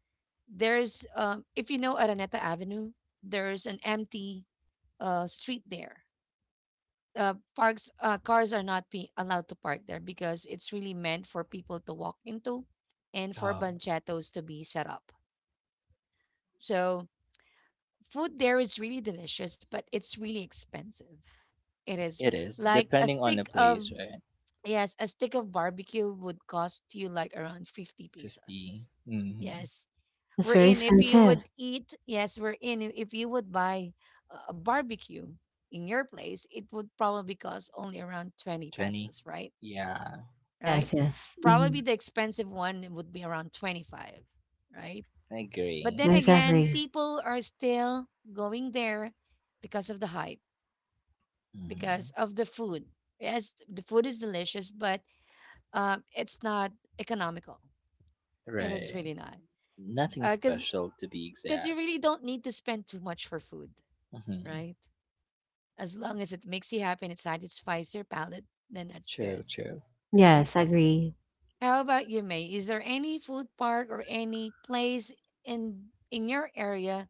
[SPEAKER 1] there's if you know Araneta Avenue, there's an empty street there, parks cars are not be allowed to park there because it's really meant for people to walk into and for
[SPEAKER 2] Oh,
[SPEAKER 1] banchetos to be set up. So food there is really delicious, but it's really expensive. It is
[SPEAKER 2] it is
[SPEAKER 1] like a
[SPEAKER 2] depending on the
[SPEAKER 1] stick of,
[SPEAKER 2] place, right?
[SPEAKER 1] yes, a stick of barbecue would cost you like around 50 pesos.
[SPEAKER 2] 50. Mm-hmm.
[SPEAKER 1] Yes.
[SPEAKER 3] It's
[SPEAKER 1] We're
[SPEAKER 3] very
[SPEAKER 1] in if you
[SPEAKER 3] expensive.
[SPEAKER 1] would eat, yes, we're in if you would buy a barbecue in your place, it would probably cost only around 20
[SPEAKER 2] 20.
[SPEAKER 1] pesos, right?
[SPEAKER 2] Yeah.
[SPEAKER 1] right?
[SPEAKER 3] Yes, yes.
[SPEAKER 1] Probably
[SPEAKER 3] Mm,
[SPEAKER 1] the expensive one would be around 25, right?
[SPEAKER 2] I
[SPEAKER 1] But
[SPEAKER 2] agree.
[SPEAKER 1] then again,
[SPEAKER 3] exactly.
[SPEAKER 1] people are still going there because of the hype,
[SPEAKER 2] Hmm.
[SPEAKER 1] because of the food. Yes, the food is delicious, but it's not economical. It is
[SPEAKER 2] Right.
[SPEAKER 1] really not.
[SPEAKER 2] Nothing
[SPEAKER 1] Because
[SPEAKER 2] special to be
[SPEAKER 1] because you
[SPEAKER 2] exact.
[SPEAKER 1] really don't need to spend too much for food,
[SPEAKER 2] Hmm.
[SPEAKER 1] right? As long as it makes you happy and it satisfies your palate, then that's
[SPEAKER 2] True,
[SPEAKER 1] good,
[SPEAKER 2] true.
[SPEAKER 1] right?
[SPEAKER 3] Yes, I agree.
[SPEAKER 1] How about you, May? Is there any food park or any place in your area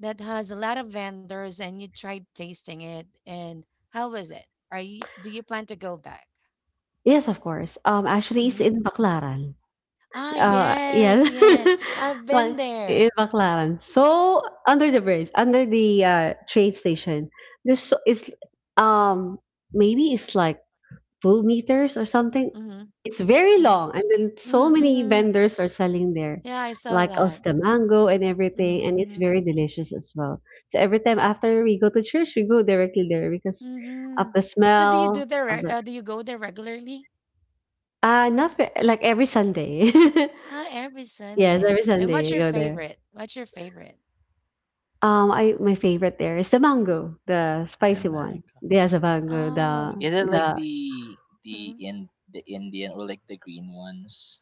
[SPEAKER 1] that has a lot of vendors and you tried tasting it and how was it? Are you do you plan to go back?
[SPEAKER 3] Yes, of course. Actually, it's
[SPEAKER 1] Hmm.
[SPEAKER 3] in Baclaran.
[SPEAKER 1] Ah, yes,
[SPEAKER 3] Yes.
[SPEAKER 1] yes. I've been
[SPEAKER 3] Like,
[SPEAKER 1] there.
[SPEAKER 3] in Baclaran. So, under the bridge, under the train station, there's so, it's, um, maybe it's like 2 meters or something.
[SPEAKER 1] Mm-hmm,
[SPEAKER 3] It's very long.
[SPEAKER 1] mm-hmm,
[SPEAKER 3] And then so
[SPEAKER 1] mm-hmm,
[SPEAKER 3] many
[SPEAKER 1] mm-hmm.
[SPEAKER 3] vendors are selling there,
[SPEAKER 1] Yeah, I saw
[SPEAKER 3] like
[SPEAKER 1] that.
[SPEAKER 3] the mango and everything. And
[SPEAKER 1] Mm-hmm,
[SPEAKER 3] it's
[SPEAKER 1] mm-hmm,
[SPEAKER 3] very delicious as well. So every time after we go to church, we go directly there because of
[SPEAKER 1] mm-hmm.
[SPEAKER 3] the
[SPEAKER 1] So do you do
[SPEAKER 3] smell
[SPEAKER 1] the
[SPEAKER 3] of the,
[SPEAKER 1] do you go there regularly?
[SPEAKER 3] not like every Sunday.
[SPEAKER 1] Ah, every
[SPEAKER 3] Yes,
[SPEAKER 1] Sunday.
[SPEAKER 3] every
[SPEAKER 1] And
[SPEAKER 3] Sunday I
[SPEAKER 1] what's your
[SPEAKER 3] go there.
[SPEAKER 1] favorite? What's your favorite?
[SPEAKER 3] I my favorite there is the mango, the
[SPEAKER 2] The
[SPEAKER 3] spicy one.
[SPEAKER 2] mag.
[SPEAKER 3] There's a mango, the
[SPEAKER 2] Ooh,
[SPEAKER 1] Oh.
[SPEAKER 2] is it like
[SPEAKER 3] the
[SPEAKER 2] the in the Indian or like the green ones?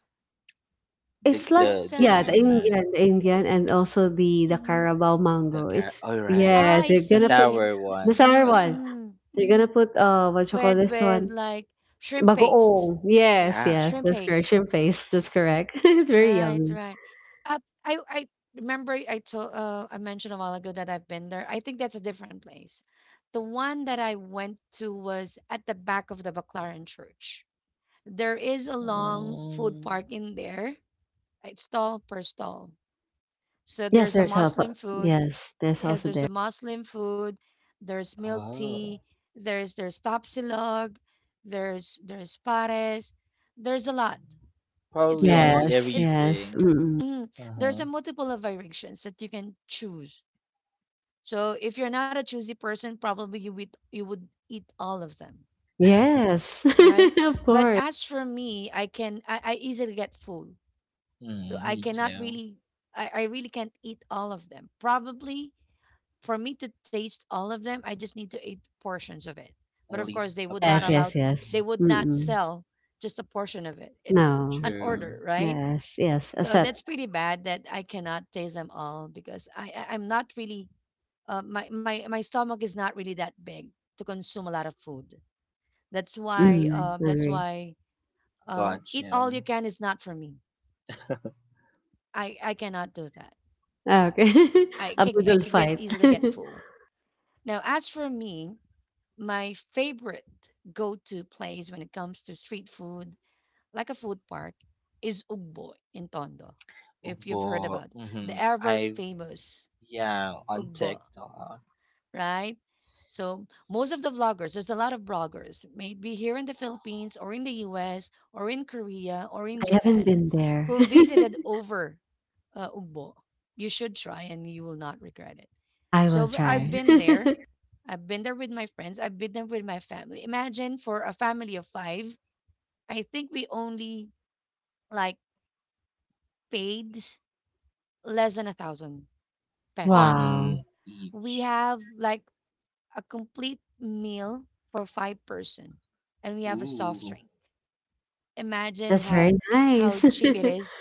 [SPEAKER 2] The
[SPEAKER 3] it's like
[SPEAKER 1] What's
[SPEAKER 2] the the
[SPEAKER 3] yeah,
[SPEAKER 1] that?
[SPEAKER 2] green
[SPEAKER 3] The
[SPEAKER 2] mango.
[SPEAKER 3] Indian and also the
[SPEAKER 1] Mm-hmm.
[SPEAKER 3] Carabao
[SPEAKER 2] The
[SPEAKER 3] mango.
[SPEAKER 2] car.
[SPEAKER 3] It's
[SPEAKER 2] All right.
[SPEAKER 3] yeah,
[SPEAKER 1] Ah, I
[SPEAKER 3] they're
[SPEAKER 2] The
[SPEAKER 3] gonna put
[SPEAKER 1] see.
[SPEAKER 2] sour
[SPEAKER 3] the
[SPEAKER 2] ones.
[SPEAKER 3] sour
[SPEAKER 1] Mhm,
[SPEAKER 2] Okay.
[SPEAKER 3] one.
[SPEAKER 1] mhm,
[SPEAKER 3] They're gonna
[SPEAKER 1] mhm.
[SPEAKER 3] put what you call
[SPEAKER 1] With
[SPEAKER 3] this one?
[SPEAKER 1] like shrimp paste,
[SPEAKER 3] Bagoong. Yes,
[SPEAKER 2] Yeah.
[SPEAKER 3] yes,
[SPEAKER 1] shrimp
[SPEAKER 3] that's
[SPEAKER 1] paste.
[SPEAKER 3] correction face. That's correct. It's very
[SPEAKER 1] Right,
[SPEAKER 3] yummy.
[SPEAKER 1] right. Uh, I remember I told, I mentioned a while ago that I've been there. I think that's a different place. The one that I went to was at the back of the Baclaran Church. There is a long food
[SPEAKER 2] Mm.
[SPEAKER 1] park in there. It's stall per stall. So
[SPEAKER 3] Yes,
[SPEAKER 1] there's a
[SPEAKER 3] there's a
[SPEAKER 1] Muslim food,
[SPEAKER 3] yes, there's
[SPEAKER 1] uh,
[SPEAKER 3] also
[SPEAKER 1] there's
[SPEAKER 3] there.
[SPEAKER 1] a Muslim food, there's milk tea,
[SPEAKER 2] Oh.
[SPEAKER 1] there's tapsilog, there's pares, there's a lot. It's
[SPEAKER 2] Probably
[SPEAKER 1] a
[SPEAKER 2] any
[SPEAKER 3] Yes, yes.
[SPEAKER 2] everything.
[SPEAKER 3] Mm-mm.
[SPEAKER 1] mm,
[SPEAKER 2] Uh huh.
[SPEAKER 1] there's a multiple of variations that you can choose. So if you're not a choosy person, probably you would eat all of them,
[SPEAKER 3] Yes.
[SPEAKER 1] right?
[SPEAKER 3] Of
[SPEAKER 1] But
[SPEAKER 3] course.
[SPEAKER 1] as for me, I easily get full, so
[SPEAKER 2] Mm,
[SPEAKER 1] I
[SPEAKER 2] me
[SPEAKER 1] cannot
[SPEAKER 2] too.
[SPEAKER 1] really I really can't eat all of them. Probably for me to taste all of them, I just need to eat portions of it.
[SPEAKER 2] At
[SPEAKER 1] But of
[SPEAKER 2] least
[SPEAKER 1] course, they
[SPEAKER 2] a
[SPEAKER 1] would not
[SPEAKER 3] Yes,
[SPEAKER 2] bite.
[SPEAKER 1] allow,
[SPEAKER 3] yes, yes.
[SPEAKER 1] they
[SPEAKER 2] Mhm.
[SPEAKER 1] would not
[SPEAKER 3] Mm-mm.
[SPEAKER 1] sell just a portion of it. It's
[SPEAKER 3] No.
[SPEAKER 1] an
[SPEAKER 2] True.
[SPEAKER 1] order, right?
[SPEAKER 3] Yes, yes. A
[SPEAKER 1] So that's
[SPEAKER 3] set.
[SPEAKER 1] pretty bad that I cannot taste them all because I'm not really my stomach is not really that big to consume a lot of food. That's why
[SPEAKER 3] Mm, I agree.
[SPEAKER 1] eat all
[SPEAKER 2] Gotcha.
[SPEAKER 1] you can is not for me. I cannot do that.
[SPEAKER 3] Ah, okay. A
[SPEAKER 1] I
[SPEAKER 3] boodle
[SPEAKER 1] can get
[SPEAKER 3] fight.
[SPEAKER 1] easily get
[SPEAKER 3] I
[SPEAKER 1] full. Now as for me, my favorite go-to place when it comes to street food, like a food park, is Ugbo in Tondo. If you've heard
[SPEAKER 2] But
[SPEAKER 1] about it, the
[SPEAKER 2] mhm,
[SPEAKER 1] ever
[SPEAKER 2] I,
[SPEAKER 1] famous
[SPEAKER 2] yeah, on
[SPEAKER 1] Ugbo,
[SPEAKER 2] TikTok,
[SPEAKER 1] right? So most of the vloggers, there's a lot of bloggers, maybe here in the Philippines or in the US or in Korea or in
[SPEAKER 3] haven't
[SPEAKER 1] Japan,
[SPEAKER 3] been there.
[SPEAKER 1] who visited over, Ugbo. You should try and you will not regret it.
[SPEAKER 3] I
[SPEAKER 1] So
[SPEAKER 3] will try.
[SPEAKER 1] I've
[SPEAKER 2] nice
[SPEAKER 1] been there. I've been there with my friends. I've been there with my family. Imagine for a family of five, I think we only like paid less than 1,000 pesos.
[SPEAKER 2] on
[SPEAKER 3] Wow.
[SPEAKER 1] We
[SPEAKER 2] each.
[SPEAKER 1] have like a complete meal for five person and we have a soft
[SPEAKER 2] Ooh,
[SPEAKER 1] drink. Imagine
[SPEAKER 3] That's very
[SPEAKER 1] how
[SPEAKER 3] nice.
[SPEAKER 1] cheap it is.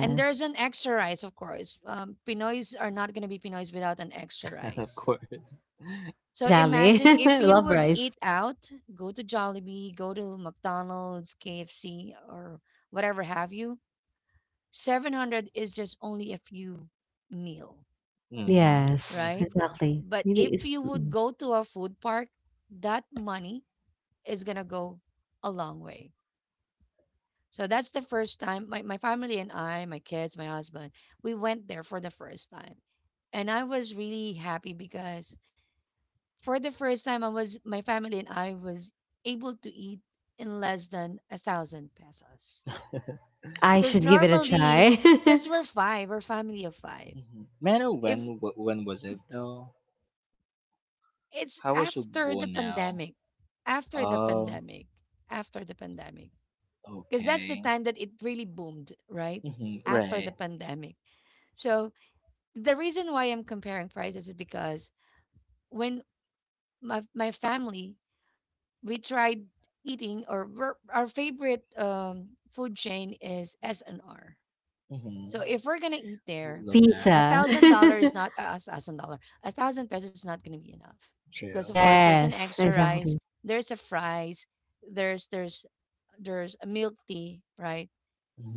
[SPEAKER 1] And there's an extra rice, of course. Pinoys are not going to be pinoys without an extra
[SPEAKER 2] of
[SPEAKER 1] rice.
[SPEAKER 2] course.
[SPEAKER 1] So
[SPEAKER 3] Exactly.
[SPEAKER 1] imagine if you
[SPEAKER 3] Love
[SPEAKER 1] would
[SPEAKER 3] rice.
[SPEAKER 1] eat out, go to Jollibee, go to McDonald's, KFC, or whatever have you, 700 is just only a few meal,
[SPEAKER 2] Mhm,
[SPEAKER 3] Yes,
[SPEAKER 1] right?
[SPEAKER 2] mhm,
[SPEAKER 3] exactly.
[SPEAKER 1] But
[SPEAKER 3] Maybe it's,
[SPEAKER 1] if you would
[SPEAKER 3] mm,
[SPEAKER 1] go to a food park, that money is going to go a long way. So that's the first time my family and I, my kids, my husband, we went there for the first time. And I was really happy because for the first time I was able to eat in less than 1,000 pesos.
[SPEAKER 3] I
[SPEAKER 1] Because
[SPEAKER 3] should give it a
[SPEAKER 1] normally,
[SPEAKER 3] try.
[SPEAKER 1] because we're five, we're family of five.
[SPEAKER 2] mhm. Man, oh, when
[SPEAKER 1] If
[SPEAKER 2] when was it though?
[SPEAKER 1] it's
[SPEAKER 2] How was
[SPEAKER 1] after the
[SPEAKER 2] Ugbo now?
[SPEAKER 1] pandemic, after the
[SPEAKER 2] Oh,
[SPEAKER 1] pandemic, after the pandemic, because that's the
[SPEAKER 2] okay.
[SPEAKER 1] time that it really boomed, right?
[SPEAKER 2] Mhm,
[SPEAKER 1] After the
[SPEAKER 2] right.
[SPEAKER 1] pandemic. So the reason why I'm comparing prices is because when my family we tried eating our favorite food chain is S and R. So
[SPEAKER 2] Mhm.
[SPEAKER 1] if we're gonna eat
[SPEAKER 2] Ooh,
[SPEAKER 1] there,
[SPEAKER 3] The
[SPEAKER 2] love that.
[SPEAKER 1] a
[SPEAKER 3] pizza.
[SPEAKER 1] thousand dollar is not $1,000, 1,000 pesos is not gonna be enough because
[SPEAKER 2] True.
[SPEAKER 1] of course there's an
[SPEAKER 3] Yes,
[SPEAKER 1] extra rice,
[SPEAKER 3] exactly.
[SPEAKER 1] there's a fries, there's there's there's a milk tea, right?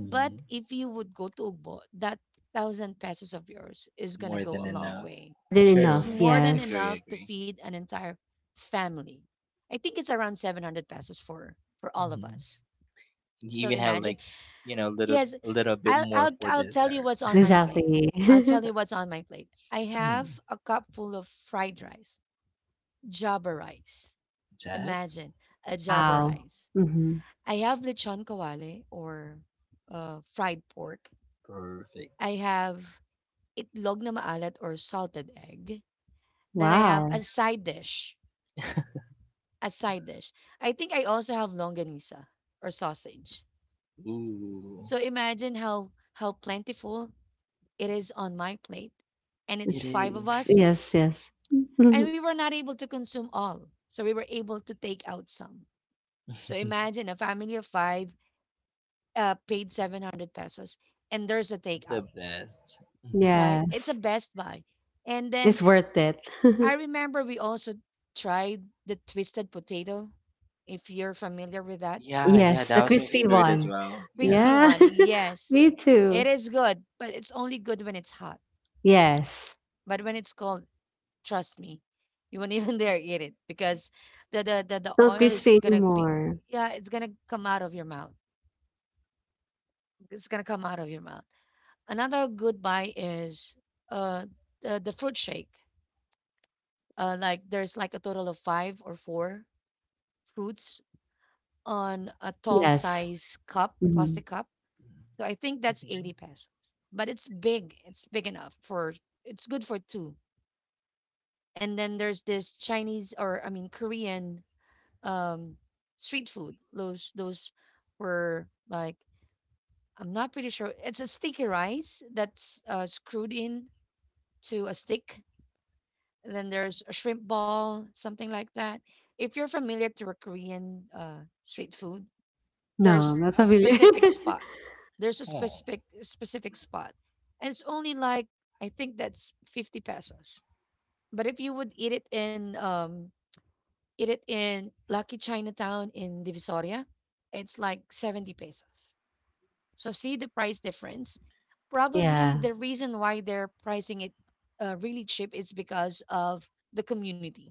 [SPEAKER 1] But if you would go to Ugbo, that thousand pesos of yours is gonna
[SPEAKER 2] More
[SPEAKER 1] go
[SPEAKER 2] than
[SPEAKER 1] a long
[SPEAKER 2] enough.
[SPEAKER 1] way.
[SPEAKER 3] More than
[SPEAKER 1] It's
[SPEAKER 3] enough.
[SPEAKER 2] True.
[SPEAKER 1] more than
[SPEAKER 2] Agree.
[SPEAKER 3] Yes,
[SPEAKER 1] enough to
[SPEAKER 2] Agree.
[SPEAKER 1] feed an entire family. I think it's around 700 pesos for all of
[SPEAKER 2] Mhm.
[SPEAKER 1] us.
[SPEAKER 2] You
[SPEAKER 1] So
[SPEAKER 2] even have
[SPEAKER 1] imagine,
[SPEAKER 2] like, little
[SPEAKER 1] yes,
[SPEAKER 2] a little bit
[SPEAKER 1] I'll
[SPEAKER 2] more
[SPEAKER 1] I'll
[SPEAKER 2] for
[SPEAKER 1] I'll tell you
[SPEAKER 2] dessert.
[SPEAKER 1] what's on my plate.
[SPEAKER 3] exactly.
[SPEAKER 1] I'll tell you what's on my plate. I
[SPEAKER 2] Hmm.
[SPEAKER 1] have a cup full of fried rice, java rice.
[SPEAKER 2] Jack?
[SPEAKER 1] Imagine a java
[SPEAKER 3] Wow.
[SPEAKER 1] rice.
[SPEAKER 3] hmm
[SPEAKER 1] I have lechon kawale or fried pork.
[SPEAKER 2] Perfect.
[SPEAKER 1] I have itlog na maalat or salted egg. Then I have a
[SPEAKER 3] Wow.
[SPEAKER 1] side dish. A side dish. I think I also have longanisa or sausage.
[SPEAKER 2] Ooh.
[SPEAKER 1] So imagine how plentiful it is on my plate. And
[SPEAKER 2] It
[SPEAKER 1] it's
[SPEAKER 3] It's,
[SPEAKER 1] five of
[SPEAKER 2] is
[SPEAKER 1] us.
[SPEAKER 3] yes, yes.
[SPEAKER 1] And we were not able to consume all. So we were able to take out some. So imagine a family of five paid 700 pesos and there's a
[SPEAKER 2] the
[SPEAKER 1] takeout,
[SPEAKER 2] best. Mhm.
[SPEAKER 1] right? It's a
[SPEAKER 3] Yes,
[SPEAKER 1] Best Buy. And then
[SPEAKER 3] it's worth it.
[SPEAKER 1] I remember we also tried the twisted potato, if you're familiar with that.
[SPEAKER 2] Yeah, yeah,
[SPEAKER 3] Yes, a
[SPEAKER 2] that was my
[SPEAKER 3] crispy
[SPEAKER 2] favorite as
[SPEAKER 3] one.
[SPEAKER 2] well.
[SPEAKER 1] Crispy
[SPEAKER 2] Yeah.
[SPEAKER 3] Yeah,
[SPEAKER 1] one, yes.
[SPEAKER 3] me
[SPEAKER 1] It
[SPEAKER 3] too.
[SPEAKER 1] is good, but it's only good when it's hot.
[SPEAKER 3] Yes,
[SPEAKER 1] But when it's cold, trust me, you won't even dare eat it because the
[SPEAKER 3] it's not
[SPEAKER 1] oil is
[SPEAKER 3] crispy
[SPEAKER 1] gonna be
[SPEAKER 3] anymore.
[SPEAKER 1] yeah, it's gonna come out of your mouth. It's gonna come out of your mouth. Another good buy is uh the fruit shake. Like there's like a total of five or four fruits on a tall
[SPEAKER 3] Yes.
[SPEAKER 1] size cup,
[SPEAKER 3] hmm
[SPEAKER 1] plastic cup. So I think that's 80
[SPEAKER 2] Mhm.
[SPEAKER 1] pesos. But it's big. It's big enough for it's good for 2. And then there's this Chinese, or I mean Korean um street food. Those were like I'm not pretty sure. It's a sticky rice that's screwed in to a stick. And then there's a shrimp ball, something like that. If you're familiar to a Korean street food,
[SPEAKER 3] No,
[SPEAKER 1] there's
[SPEAKER 3] I'm not
[SPEAKER 1] a
[SPEAKER 3] familiar.
[SPEAKER 1] specific spot, there's a
[SPEAKER 2] Oh.
[SPEAKER 1] specific spot, and it's only like I think that's 50 pesos, but if you would eat it in Lucky Chinatown in Divisoria, it's like 70 pesos. So see the price difference. Probably
[SPEAKER 3] Yeah,
[SPEAKER 1] the reason why they're pricing it really cheap is because of the community,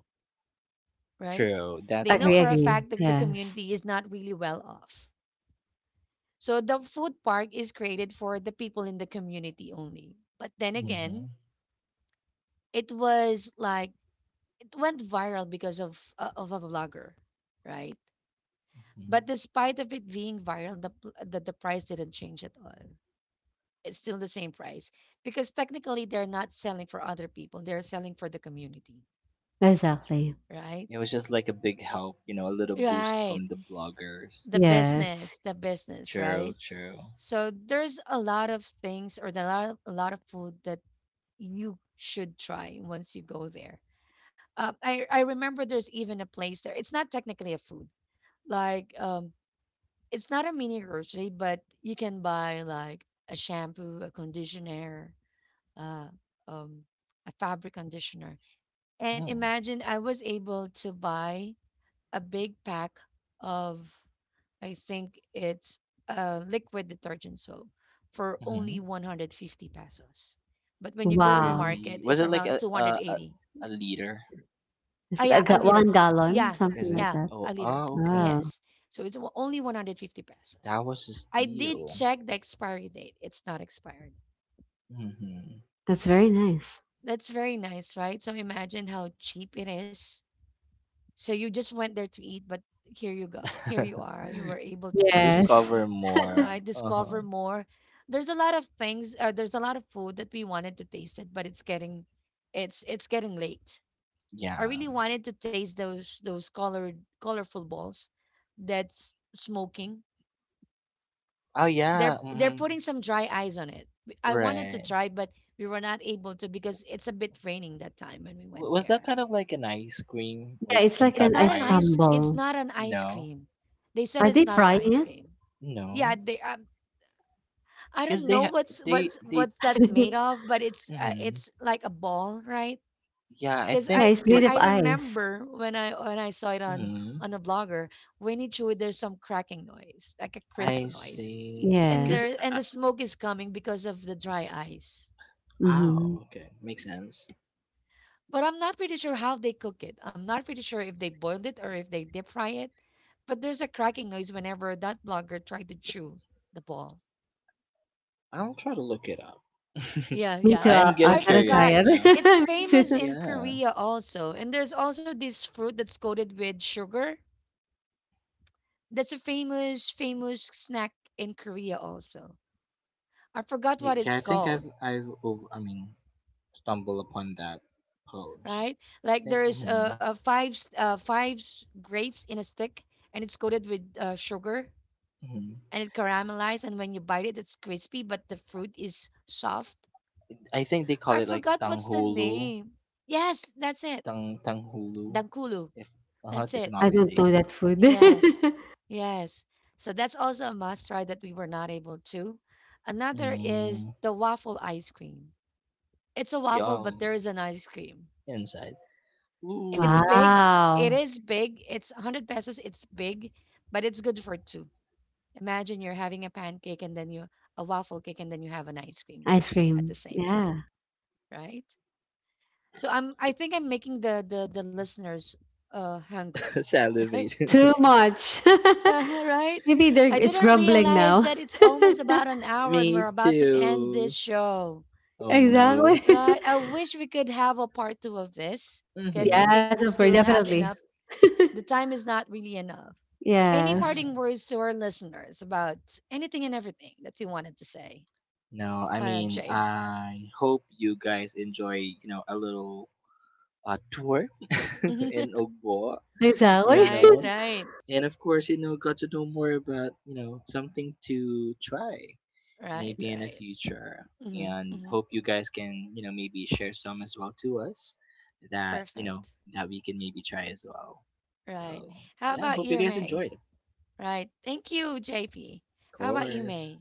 [SPEAKER 1] right?
[SPEAKER 2] True,
[SPEAKER 1] They
[SPEAKER 2] that's
[SPEAKER 1] know
[SPEAKER 3] agree,
[SPEAKER 1] for a
[SPEAKER 2] one.
[SPEAKER 3] agree.
[SPEAKER 1] fact that the
[SPEAKER 3] Yes,
[SPEAKER 1] community is not really well off. So the food park is created for the people in the community only. But then
[SPEAKER 2] Mm-hmm. Mm-hmm.
[SPEAKER 1] again, it was like it went viral because of a vlogger, right? But despite of it being viral, the, pl- the price didn't change at all. It's still the same price because technically they're not selling for other people; they're selling for the community,
[SPEAKER 3] exactly.
[SPEAKER 1] right?
[SPEAKER 2] It was just like a big help, a little boost
[SPEAKER 1] Right.
[SPEAKER 2] from the bloggers.
[SPEAKER 1] The
[SPEAKER 3] Yes.
[SPEAKER 1] business, the business,
[SPEAKER 2] True,
[SPEAKER 1] right?
[SPEAKER 2] true.
[SPEAKER 1] So there's a lot of things, or the lot a lot of food that you should try once you go there. I remember there's even a place there. It's not technically a food. Like it's not a mini grocery, but you can buy like a shampoo, a conditioner, uh, um, a fabric conditioner. And
[SPEAKER 2] Hmm.
[SPEAKER 1] imagine I was able to buy a big pack of I think it's a liquid detergent soap for
[SPEAKER 2] Mm-hmm.
[SPEAKER 1] only 150 pesos. But when you go to the
[SPEAKER 3] Wow.
[SPEAKER 2] Really?
[SPEAKER 1] market,
[SPEAKER 2] Was
[SPEAKER 1] it's
[SPEAKER 2] it like
[SPEAKER 1] around
[SPEAKER 2] a a, a,
[SPEAKER 1] 280.
[SPEAKER 2] a leader?
[SPEAKER 1] Ah,
[SPEAKER 3] Is it
[SPEAKER 1] yeah,
[SPEAKER 3] a
[SPEAKER 1] a liter.
[SPEAKER 3] 1 gallon?
[SPEAKER 1] Yeah,
[SPEAKER 3] Something
[SPEAKER 2] Is
[SPEAKER 3] like
[SPEAKER 2] it?
[SPEAKER 1] yeah,
[SPEAKER 3] that.
[SPEAKER 1] a
[SPEAKER 2] Oh,
[SPEAKER 1] liter.
[SPEAKER 2] oh, okay.
[SPEAKER 3] Oh,
[SPEAKER 1] Yes. So it's only 150 pesos.
[SPEAKER 2] That was a
[SPEAKER 1] I did
[SPEAKER 2] steal.
[SPEAKER 1] check the expiry date. It's not expired.
[SPEAKER 2] Hmm.
[SPEAKER 3] that's very nice.
[SPEAKER 1] That's very nice, right? So imagine how cheap it is. So you just went there to eat, but here you go. Here you are. You were able to purchase
[SPEAKER 3] Yes.
[SPEAKER 2] Discover
[SPEAKER 1] some,
[SPEAKER 2] more.
[SPEAKER 1] right?
[SPEAKER 2] Uh-huh.
[SPEAKER 1] Discover more. There's a lot of things, there's a lot of food that we wanted to taste it, but it's getting it's getting late. I
[SPEAKER 2] Yeah.
[SPEAKER 1] really wanted to taste those colored colorful balls that's smoking.
[SPEAKER 2] Oh,
[SPEAKER 1] They're
[SPEAKER 2] yeah.
[SPEAKER 1] they're
[SPEAKER 2] Hmm.
[SPEAKER 1] putting some dry ice on it. I wanted to
[SPEAKER 2] Right.
[SPEAKER 1] try, but we were not able to because it's a bit raining that time when we
[SPEAKER 2] W-
[SPEAKER 1] went
[SPEAKER 2] was that
[SPEAKER 1] there.
[SPEAKER 2] kind of like an ice cream or
[SPEAKER 3] Yeah, it's
[SPEAKER 2] some
[SPEAKER 3] like
[SPEAKER 1] It's
[SPEAKER 2] type
[SPEAKER 3] an
[SPEAKER 1] not
[SPEAKER 2] of
[SPEAKER 1] an
[SPEAKER 3] ice
[SPEAKER 2] ice
[SPEAKER 1] ice.
[SPEAKER 2] cream?
[SPEAKER 1] It's
[SPEAKER 3] crumble.
[SPEAKER 1] not an ice
[SPEAKER 2] No.
[SPEAKER 1] cream. They said
[SPEAKER 3] Are
[SPEAKER 1] it's
[SPEAKER 3] they
[SPEAKER 1] not an
[SPEAKER 3] frying
[SPEAKER 1] ice
[SPEAKER 3] it?
[SPEAKER 1] cream. Yeah,
[SPEAKER 2] No.
[SPEAKER 1] they. I
[SPEAKER 2] Cause
[SPEAKER 1] don't
[SPEAKER 2] they
[SPEAKER 1] know
[SPEAKER 2] ha-
[SPEAKER 1] what's
[SPEAKER 2] they
[SPEAKER 1] what's
[SPEAKER 2] they.
[SPEAKER 1] what's that's made of, but
[SPEAKER 2] Hmm.
[SPEAKER 1] it's like a ball, right?
[SPEAKER 2] Yeah, I
[SPEAKER 1] Because
[SPEAKER 3] Yeah,
[SPEAKER 2] think.
[SPEAKER 3] it's made
[SPEAKER 1] I
[SPEAKER 3] of ice.
[SPEAKER 1] remember when I saw it
[SPEAKER 2] mm
[SPEAKER 1] on a blogger, when it showed there's some cracking noise, like a
[SPEAKER 2] I
[SPEAKER 1] crisp noise,
[SPEAKER 2] see.
[SPEAKER 1] and
[SPEAKER 2] Cause
[SPEAKER 3] Yes.
[SPEAKER 1] there and
[SPEAKER 2] uh,
[SPEAKER 1] the smoke is coming because of the dry ice.
[SPEAKER 2] oh,
[SPEAKER 3] Mhm.
[SPEAKER 2] okay, makes sense.
[SPEAKER 1] But I'm not pretty sure how they cook it. I'm not pretty sure if they boiled it or if they deep fry it. But there's a cracking noise whenever that blogger tried to chew the ball.
[SPEAKER 2] I'll try to look it up.
[SPEAKER 1] Yeah,
[SPEAKER 3] Me too,
[SPEAKER 1] yeah.
[SPEAKER 2] I am
[SPEAKER 3] I'll
[SPEAKER 2] getting
[SPEAKER 1] I
[SPEAKER 3] gotta try
[SPEAKER 1] forgot.
[SPEAKER 2] curious
[SPEAKER 3] it.
[SPEAKER 2] now.
[SPEAKER 1] It's
[SPEAKER 3] Me too.
[SPEAKER 1] famous in
[SPEAKER 2] Yeah.
[SPEAKER 1] Korea also. And there's also this fruit that's coated with sugar. That's a famous, famous snack in Korea also. I forgot what
[SPEAKER 2] Yeah,
[SPEAKER 1] it's
[SPEAKER 2] I think I've
[SPEAKER 1] called,
[SPEAKER 2] I've I mean, stumbled upon that post.
[SPEAKER 1] right?
[SPEAKER 2] I
[SPEAKER 1] Like
[SPEAKER 2] think
[SPEAKER 1] there's
[SPEAKER 2] hmm
[SPEAKER 1] a grapes in a stick, and it's coated with sugar,
[SPEAKER 2] hmm
[SPEAKER 1] and it caramelized, and when you bite it, it's crispy, but the fruit is soft.
[SPEAKER 2] I think they call
[SPEAKER 1] I
[SPEAKER 2] it like
[SPEAKER 1] forgot what's the
[SPEAKER 2] tanghulu,
[SPEAKER 1] name. Yes, that's it.
[SPEAKER 2] tanghulu,
[SPEAKER 1] Dangkulu.
[SPEAKER 2] if uh
[SPEAKER 1] That's
[SPEAKER 2] if
[SPEAKER 1] it.
[SPEAKER 2] I'm not
[SPEAKER 3] I don't know
[SPEAKER 2] mistaken.
[SPEAKER 3] that food.
[SPEAKER 1] Yes, yes. So that's also a must try that we were not able to. Another is
[SPEAKER 2] Mm,
[SPEAKER 1] the waffle ice cream. It's a waffle, but
[SPEAKER 2] yum
[SPEAKER 1] there is an ice cream.
[SPEAKER 2] inside.
[SPEAKER 1] It's
[SPEAKER 2] Ooh,
[SPEAKER 1] big. It
[SPEAKER 3] Wow.
[SPEAKER 1] is big. It's 100 pesos. It's big, but it's good for two. Imagine you're having a pancake and then you a waffle cake and then you have an ice cream
[SPEAKER 3] Ice
[SPEAKER 1] at the
[SPEAKER 3] cream.
[SPEAKER 1] same time,
[SPEAKER 3] Yeah.
[SPEAKER 1] right? So I think I'm making the listeners hungry, right?
[SPEAKER 2] salivate.
[SPEAKER 3] Too much.
[SPEAKER 1] right?
[SPEAKER 3] Maybe they're
[SPEAKER 1] I
[SPEAKER 3] it's
[SPEAKER 1] didn't
[SPEAKER 3] grumbling
[SPEAKER 1] realize
[SPEAKER 3] now.
[SPEAKER 1] that it's almost about an hour and
[SPEAKER 2] Me
[SPEAKER 1] we're about to end this
[SPEAKER 2] too.
[SPEAKER 1] show.
[SPEAKER 2] Oh no.
[SPEAKER 3] Exactly.
[SPEAKER 1] Right. I wish we could have a part two of this because I
[SPEAKER 2] Mhm.
[SPEAKER 1] think
[SPEAKER 3] Yes,
[SPEAKER 1] we
[SPEAKER 3] of course,
[SPEAKER 1] still have
[SPEAKER 3] definitely.
[SPEAKER 1] enough. The time is not really enough. Any parting
[SPEAKER 2] Yeah.
[SPEAKER 3] Yes.
[SPEAKER 1] words to our listeners about anything and everything that you wanted to say,
[SPEAKER 2] No, I mean,
[SPEAKER 1] Jay?
[SPEAKER 2] I hope you guys enjoy, a little tour
[SPEAKER 1] Right,
[SPEAKER 2] in Ogbo, you
[SPEAKER 3] Exactly.
[SPEAKER 1] right,
[SPEAKER 2] know.
[SPEAKER 1] right,
[SPEAKER 2] And of course, got to know more about, something to try maybe in the
[SPEAKER 1] right.
[SPEAKER 2] future.
[SPEAKER 1] Hmm,
[SPEAKER 2] And
[SPEAKER 1] hmm.
[SPEAKER 2] hope you guys can, maybe share some as well to us that, you know,
[SPEAKER 1] Perfect.
[SPEAKER 2] that we can maybe try as well.
[SPEAKER 1] Right.
[SPEAKER 2] So,
[SPEAKER 1] How
[SPEAKER 2] yeah,
[SPEAKER 1] about
[SPEAKER 2] hope you
[SPEAKER 1] you,
[SPEAKER 2] guys
[SPEAKER 1] May?
[SPEAKER 2] enjoyed.
[SPEAKER 1] Right. Thank you, JP.
[SPEAKER 2] Of
[SPEAKER 1] How about you,
[SPEAKER 2] course.
[SPEAKER 1] May?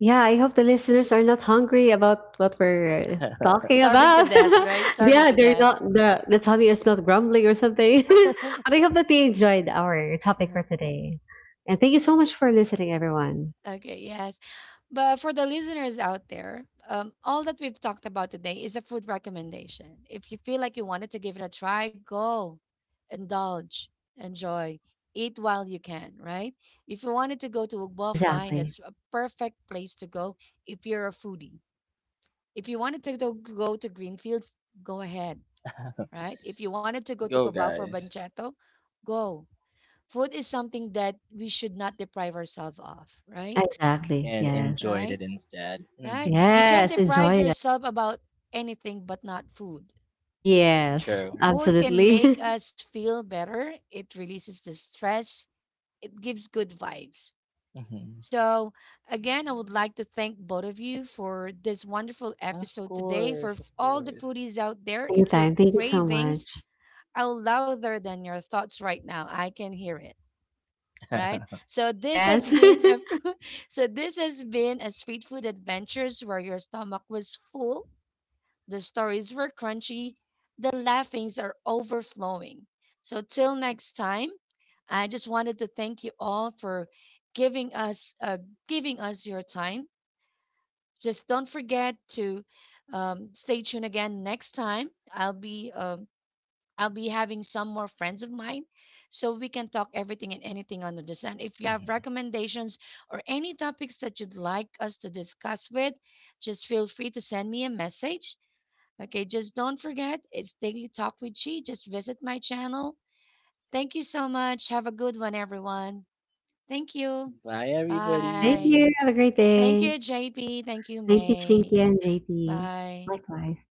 [SPEAKER 3] Yeah, I hope the listeners are not hungry about what we're talking
[SPEAKER 1] Starving to
[SPEAKER 3] about.
[SPEAKER 1] death, right? Starving
[SPEAKER 3] Yeah,
[SPEAKER 1] to
[SPEAKER 3] they're
[SPEAKER 1] death.
[SPEAKER 3] not, the tummy is not grumbling or something. But I hope that they enjoyed our topic
[SPEAKER 1] Uh-huh.
[SPEAKER 3] for today. And thank you so much for listening, everyone.
[SPEAKER 1] Okay, yes. But for the listeners out there, all that we've talked about today is a food recommendation. If you feel like you wanted to give it a try, go, indulge, enjoy, eat while you can, right? If you wanted to go to Ugbo, fine,
[SPEAKER 3] Exactly.
[SPEAKER 1] that's a perfect place to go if you're a foodie. If you wanted to go to Greenfields, go ahead, right? If you wanted to go to
[SPEAKER 2] Go,
[SPEAKER 1] Cubao for
[SPEAKER 2] guys.
[SPEAKER 1] Banchetto, go. Food is something that we should not deprive ourselves of, right?
[SPEAKER 3] Exactly.
[SPEAKER 2] And
[SPEAKER 3] Yes.
[SPEAKER 2] enjoyed
[SPEAKER 1] Right?
[SPEAKER 2] it instead.
[SPEAKER 1] Right?
[SPEAKER 2] Mm-hmm.
[SPEAKER 1] You can't
[SPEAKER 3] Yes.
[SPEAKER 1] deprive
[SPEAKER 3] Enjoy it.
[SPEAKER 1] yourself about anything but not food.
[SPEAKER 3] Yes.
[SPEAKER 2] True.
[SPEAKER 1] Food can make
[SPEAKER 3] Absolutely.
[SPEAKER 1] us feel better. It releases the stress. It gives good vibes.
[SPEAKER 2] Mhm.
[SPEAKER 1] So, again, I would like to thank both of you for this wonderful
[SPEAKER 2] Of
[SPEAKER 1] episode today.
[SPEAKER 2] course, of
[SPEAKER 1] All the
[SPEAKER 2] course.
[SPEAKER 1] foodies out there, if your
[SPEAKER 3] Anytime. Thank you so much.
[SPEAKER 1] cravings are louder than your thoughts right now, I can hear it. Right? So this has
[SPEAKER 3] Yes.
[SPEAKER 1] been a so this has been a street food adventures where your stomach was full. The stories were crunchy, the laughings are overflowing. So, till next time, I just wanted to thank you all for giving us uh, giving us your time. Just don't forget to stay tuned again next time. I'll be having some more friends of mine, so we can talk everything and anything under the sun. If you have
[SPEAKER 2] Mhm.
[SPEAKER 1] recommendations or any topics that you'd like us to discuss with, just feel free to send me a message. Okay, just don't forget it's Daily Talk with Chi. Just visit my channel. Thank you so much. Have a good one, everyone. Thank you.
[SPEAKER 2] Bye,
[SPEAKER 3] Thank
[SPEAKER 1] Bye.
[SPEAKER 2] everybody.
[SPEAKER 3] you. Have a great
[SPEAKER 1] Thank
[SPEAKER 3] day.
[SPEAKER 1] you, JP. Thank you,
[SPEAKER 3] Thank you,
[SPEAKER 1] May.
[SPEAKER 3] Chinky and JP.
[SPEAKER 1] Bye.
[SPEAKER 3] Likewise.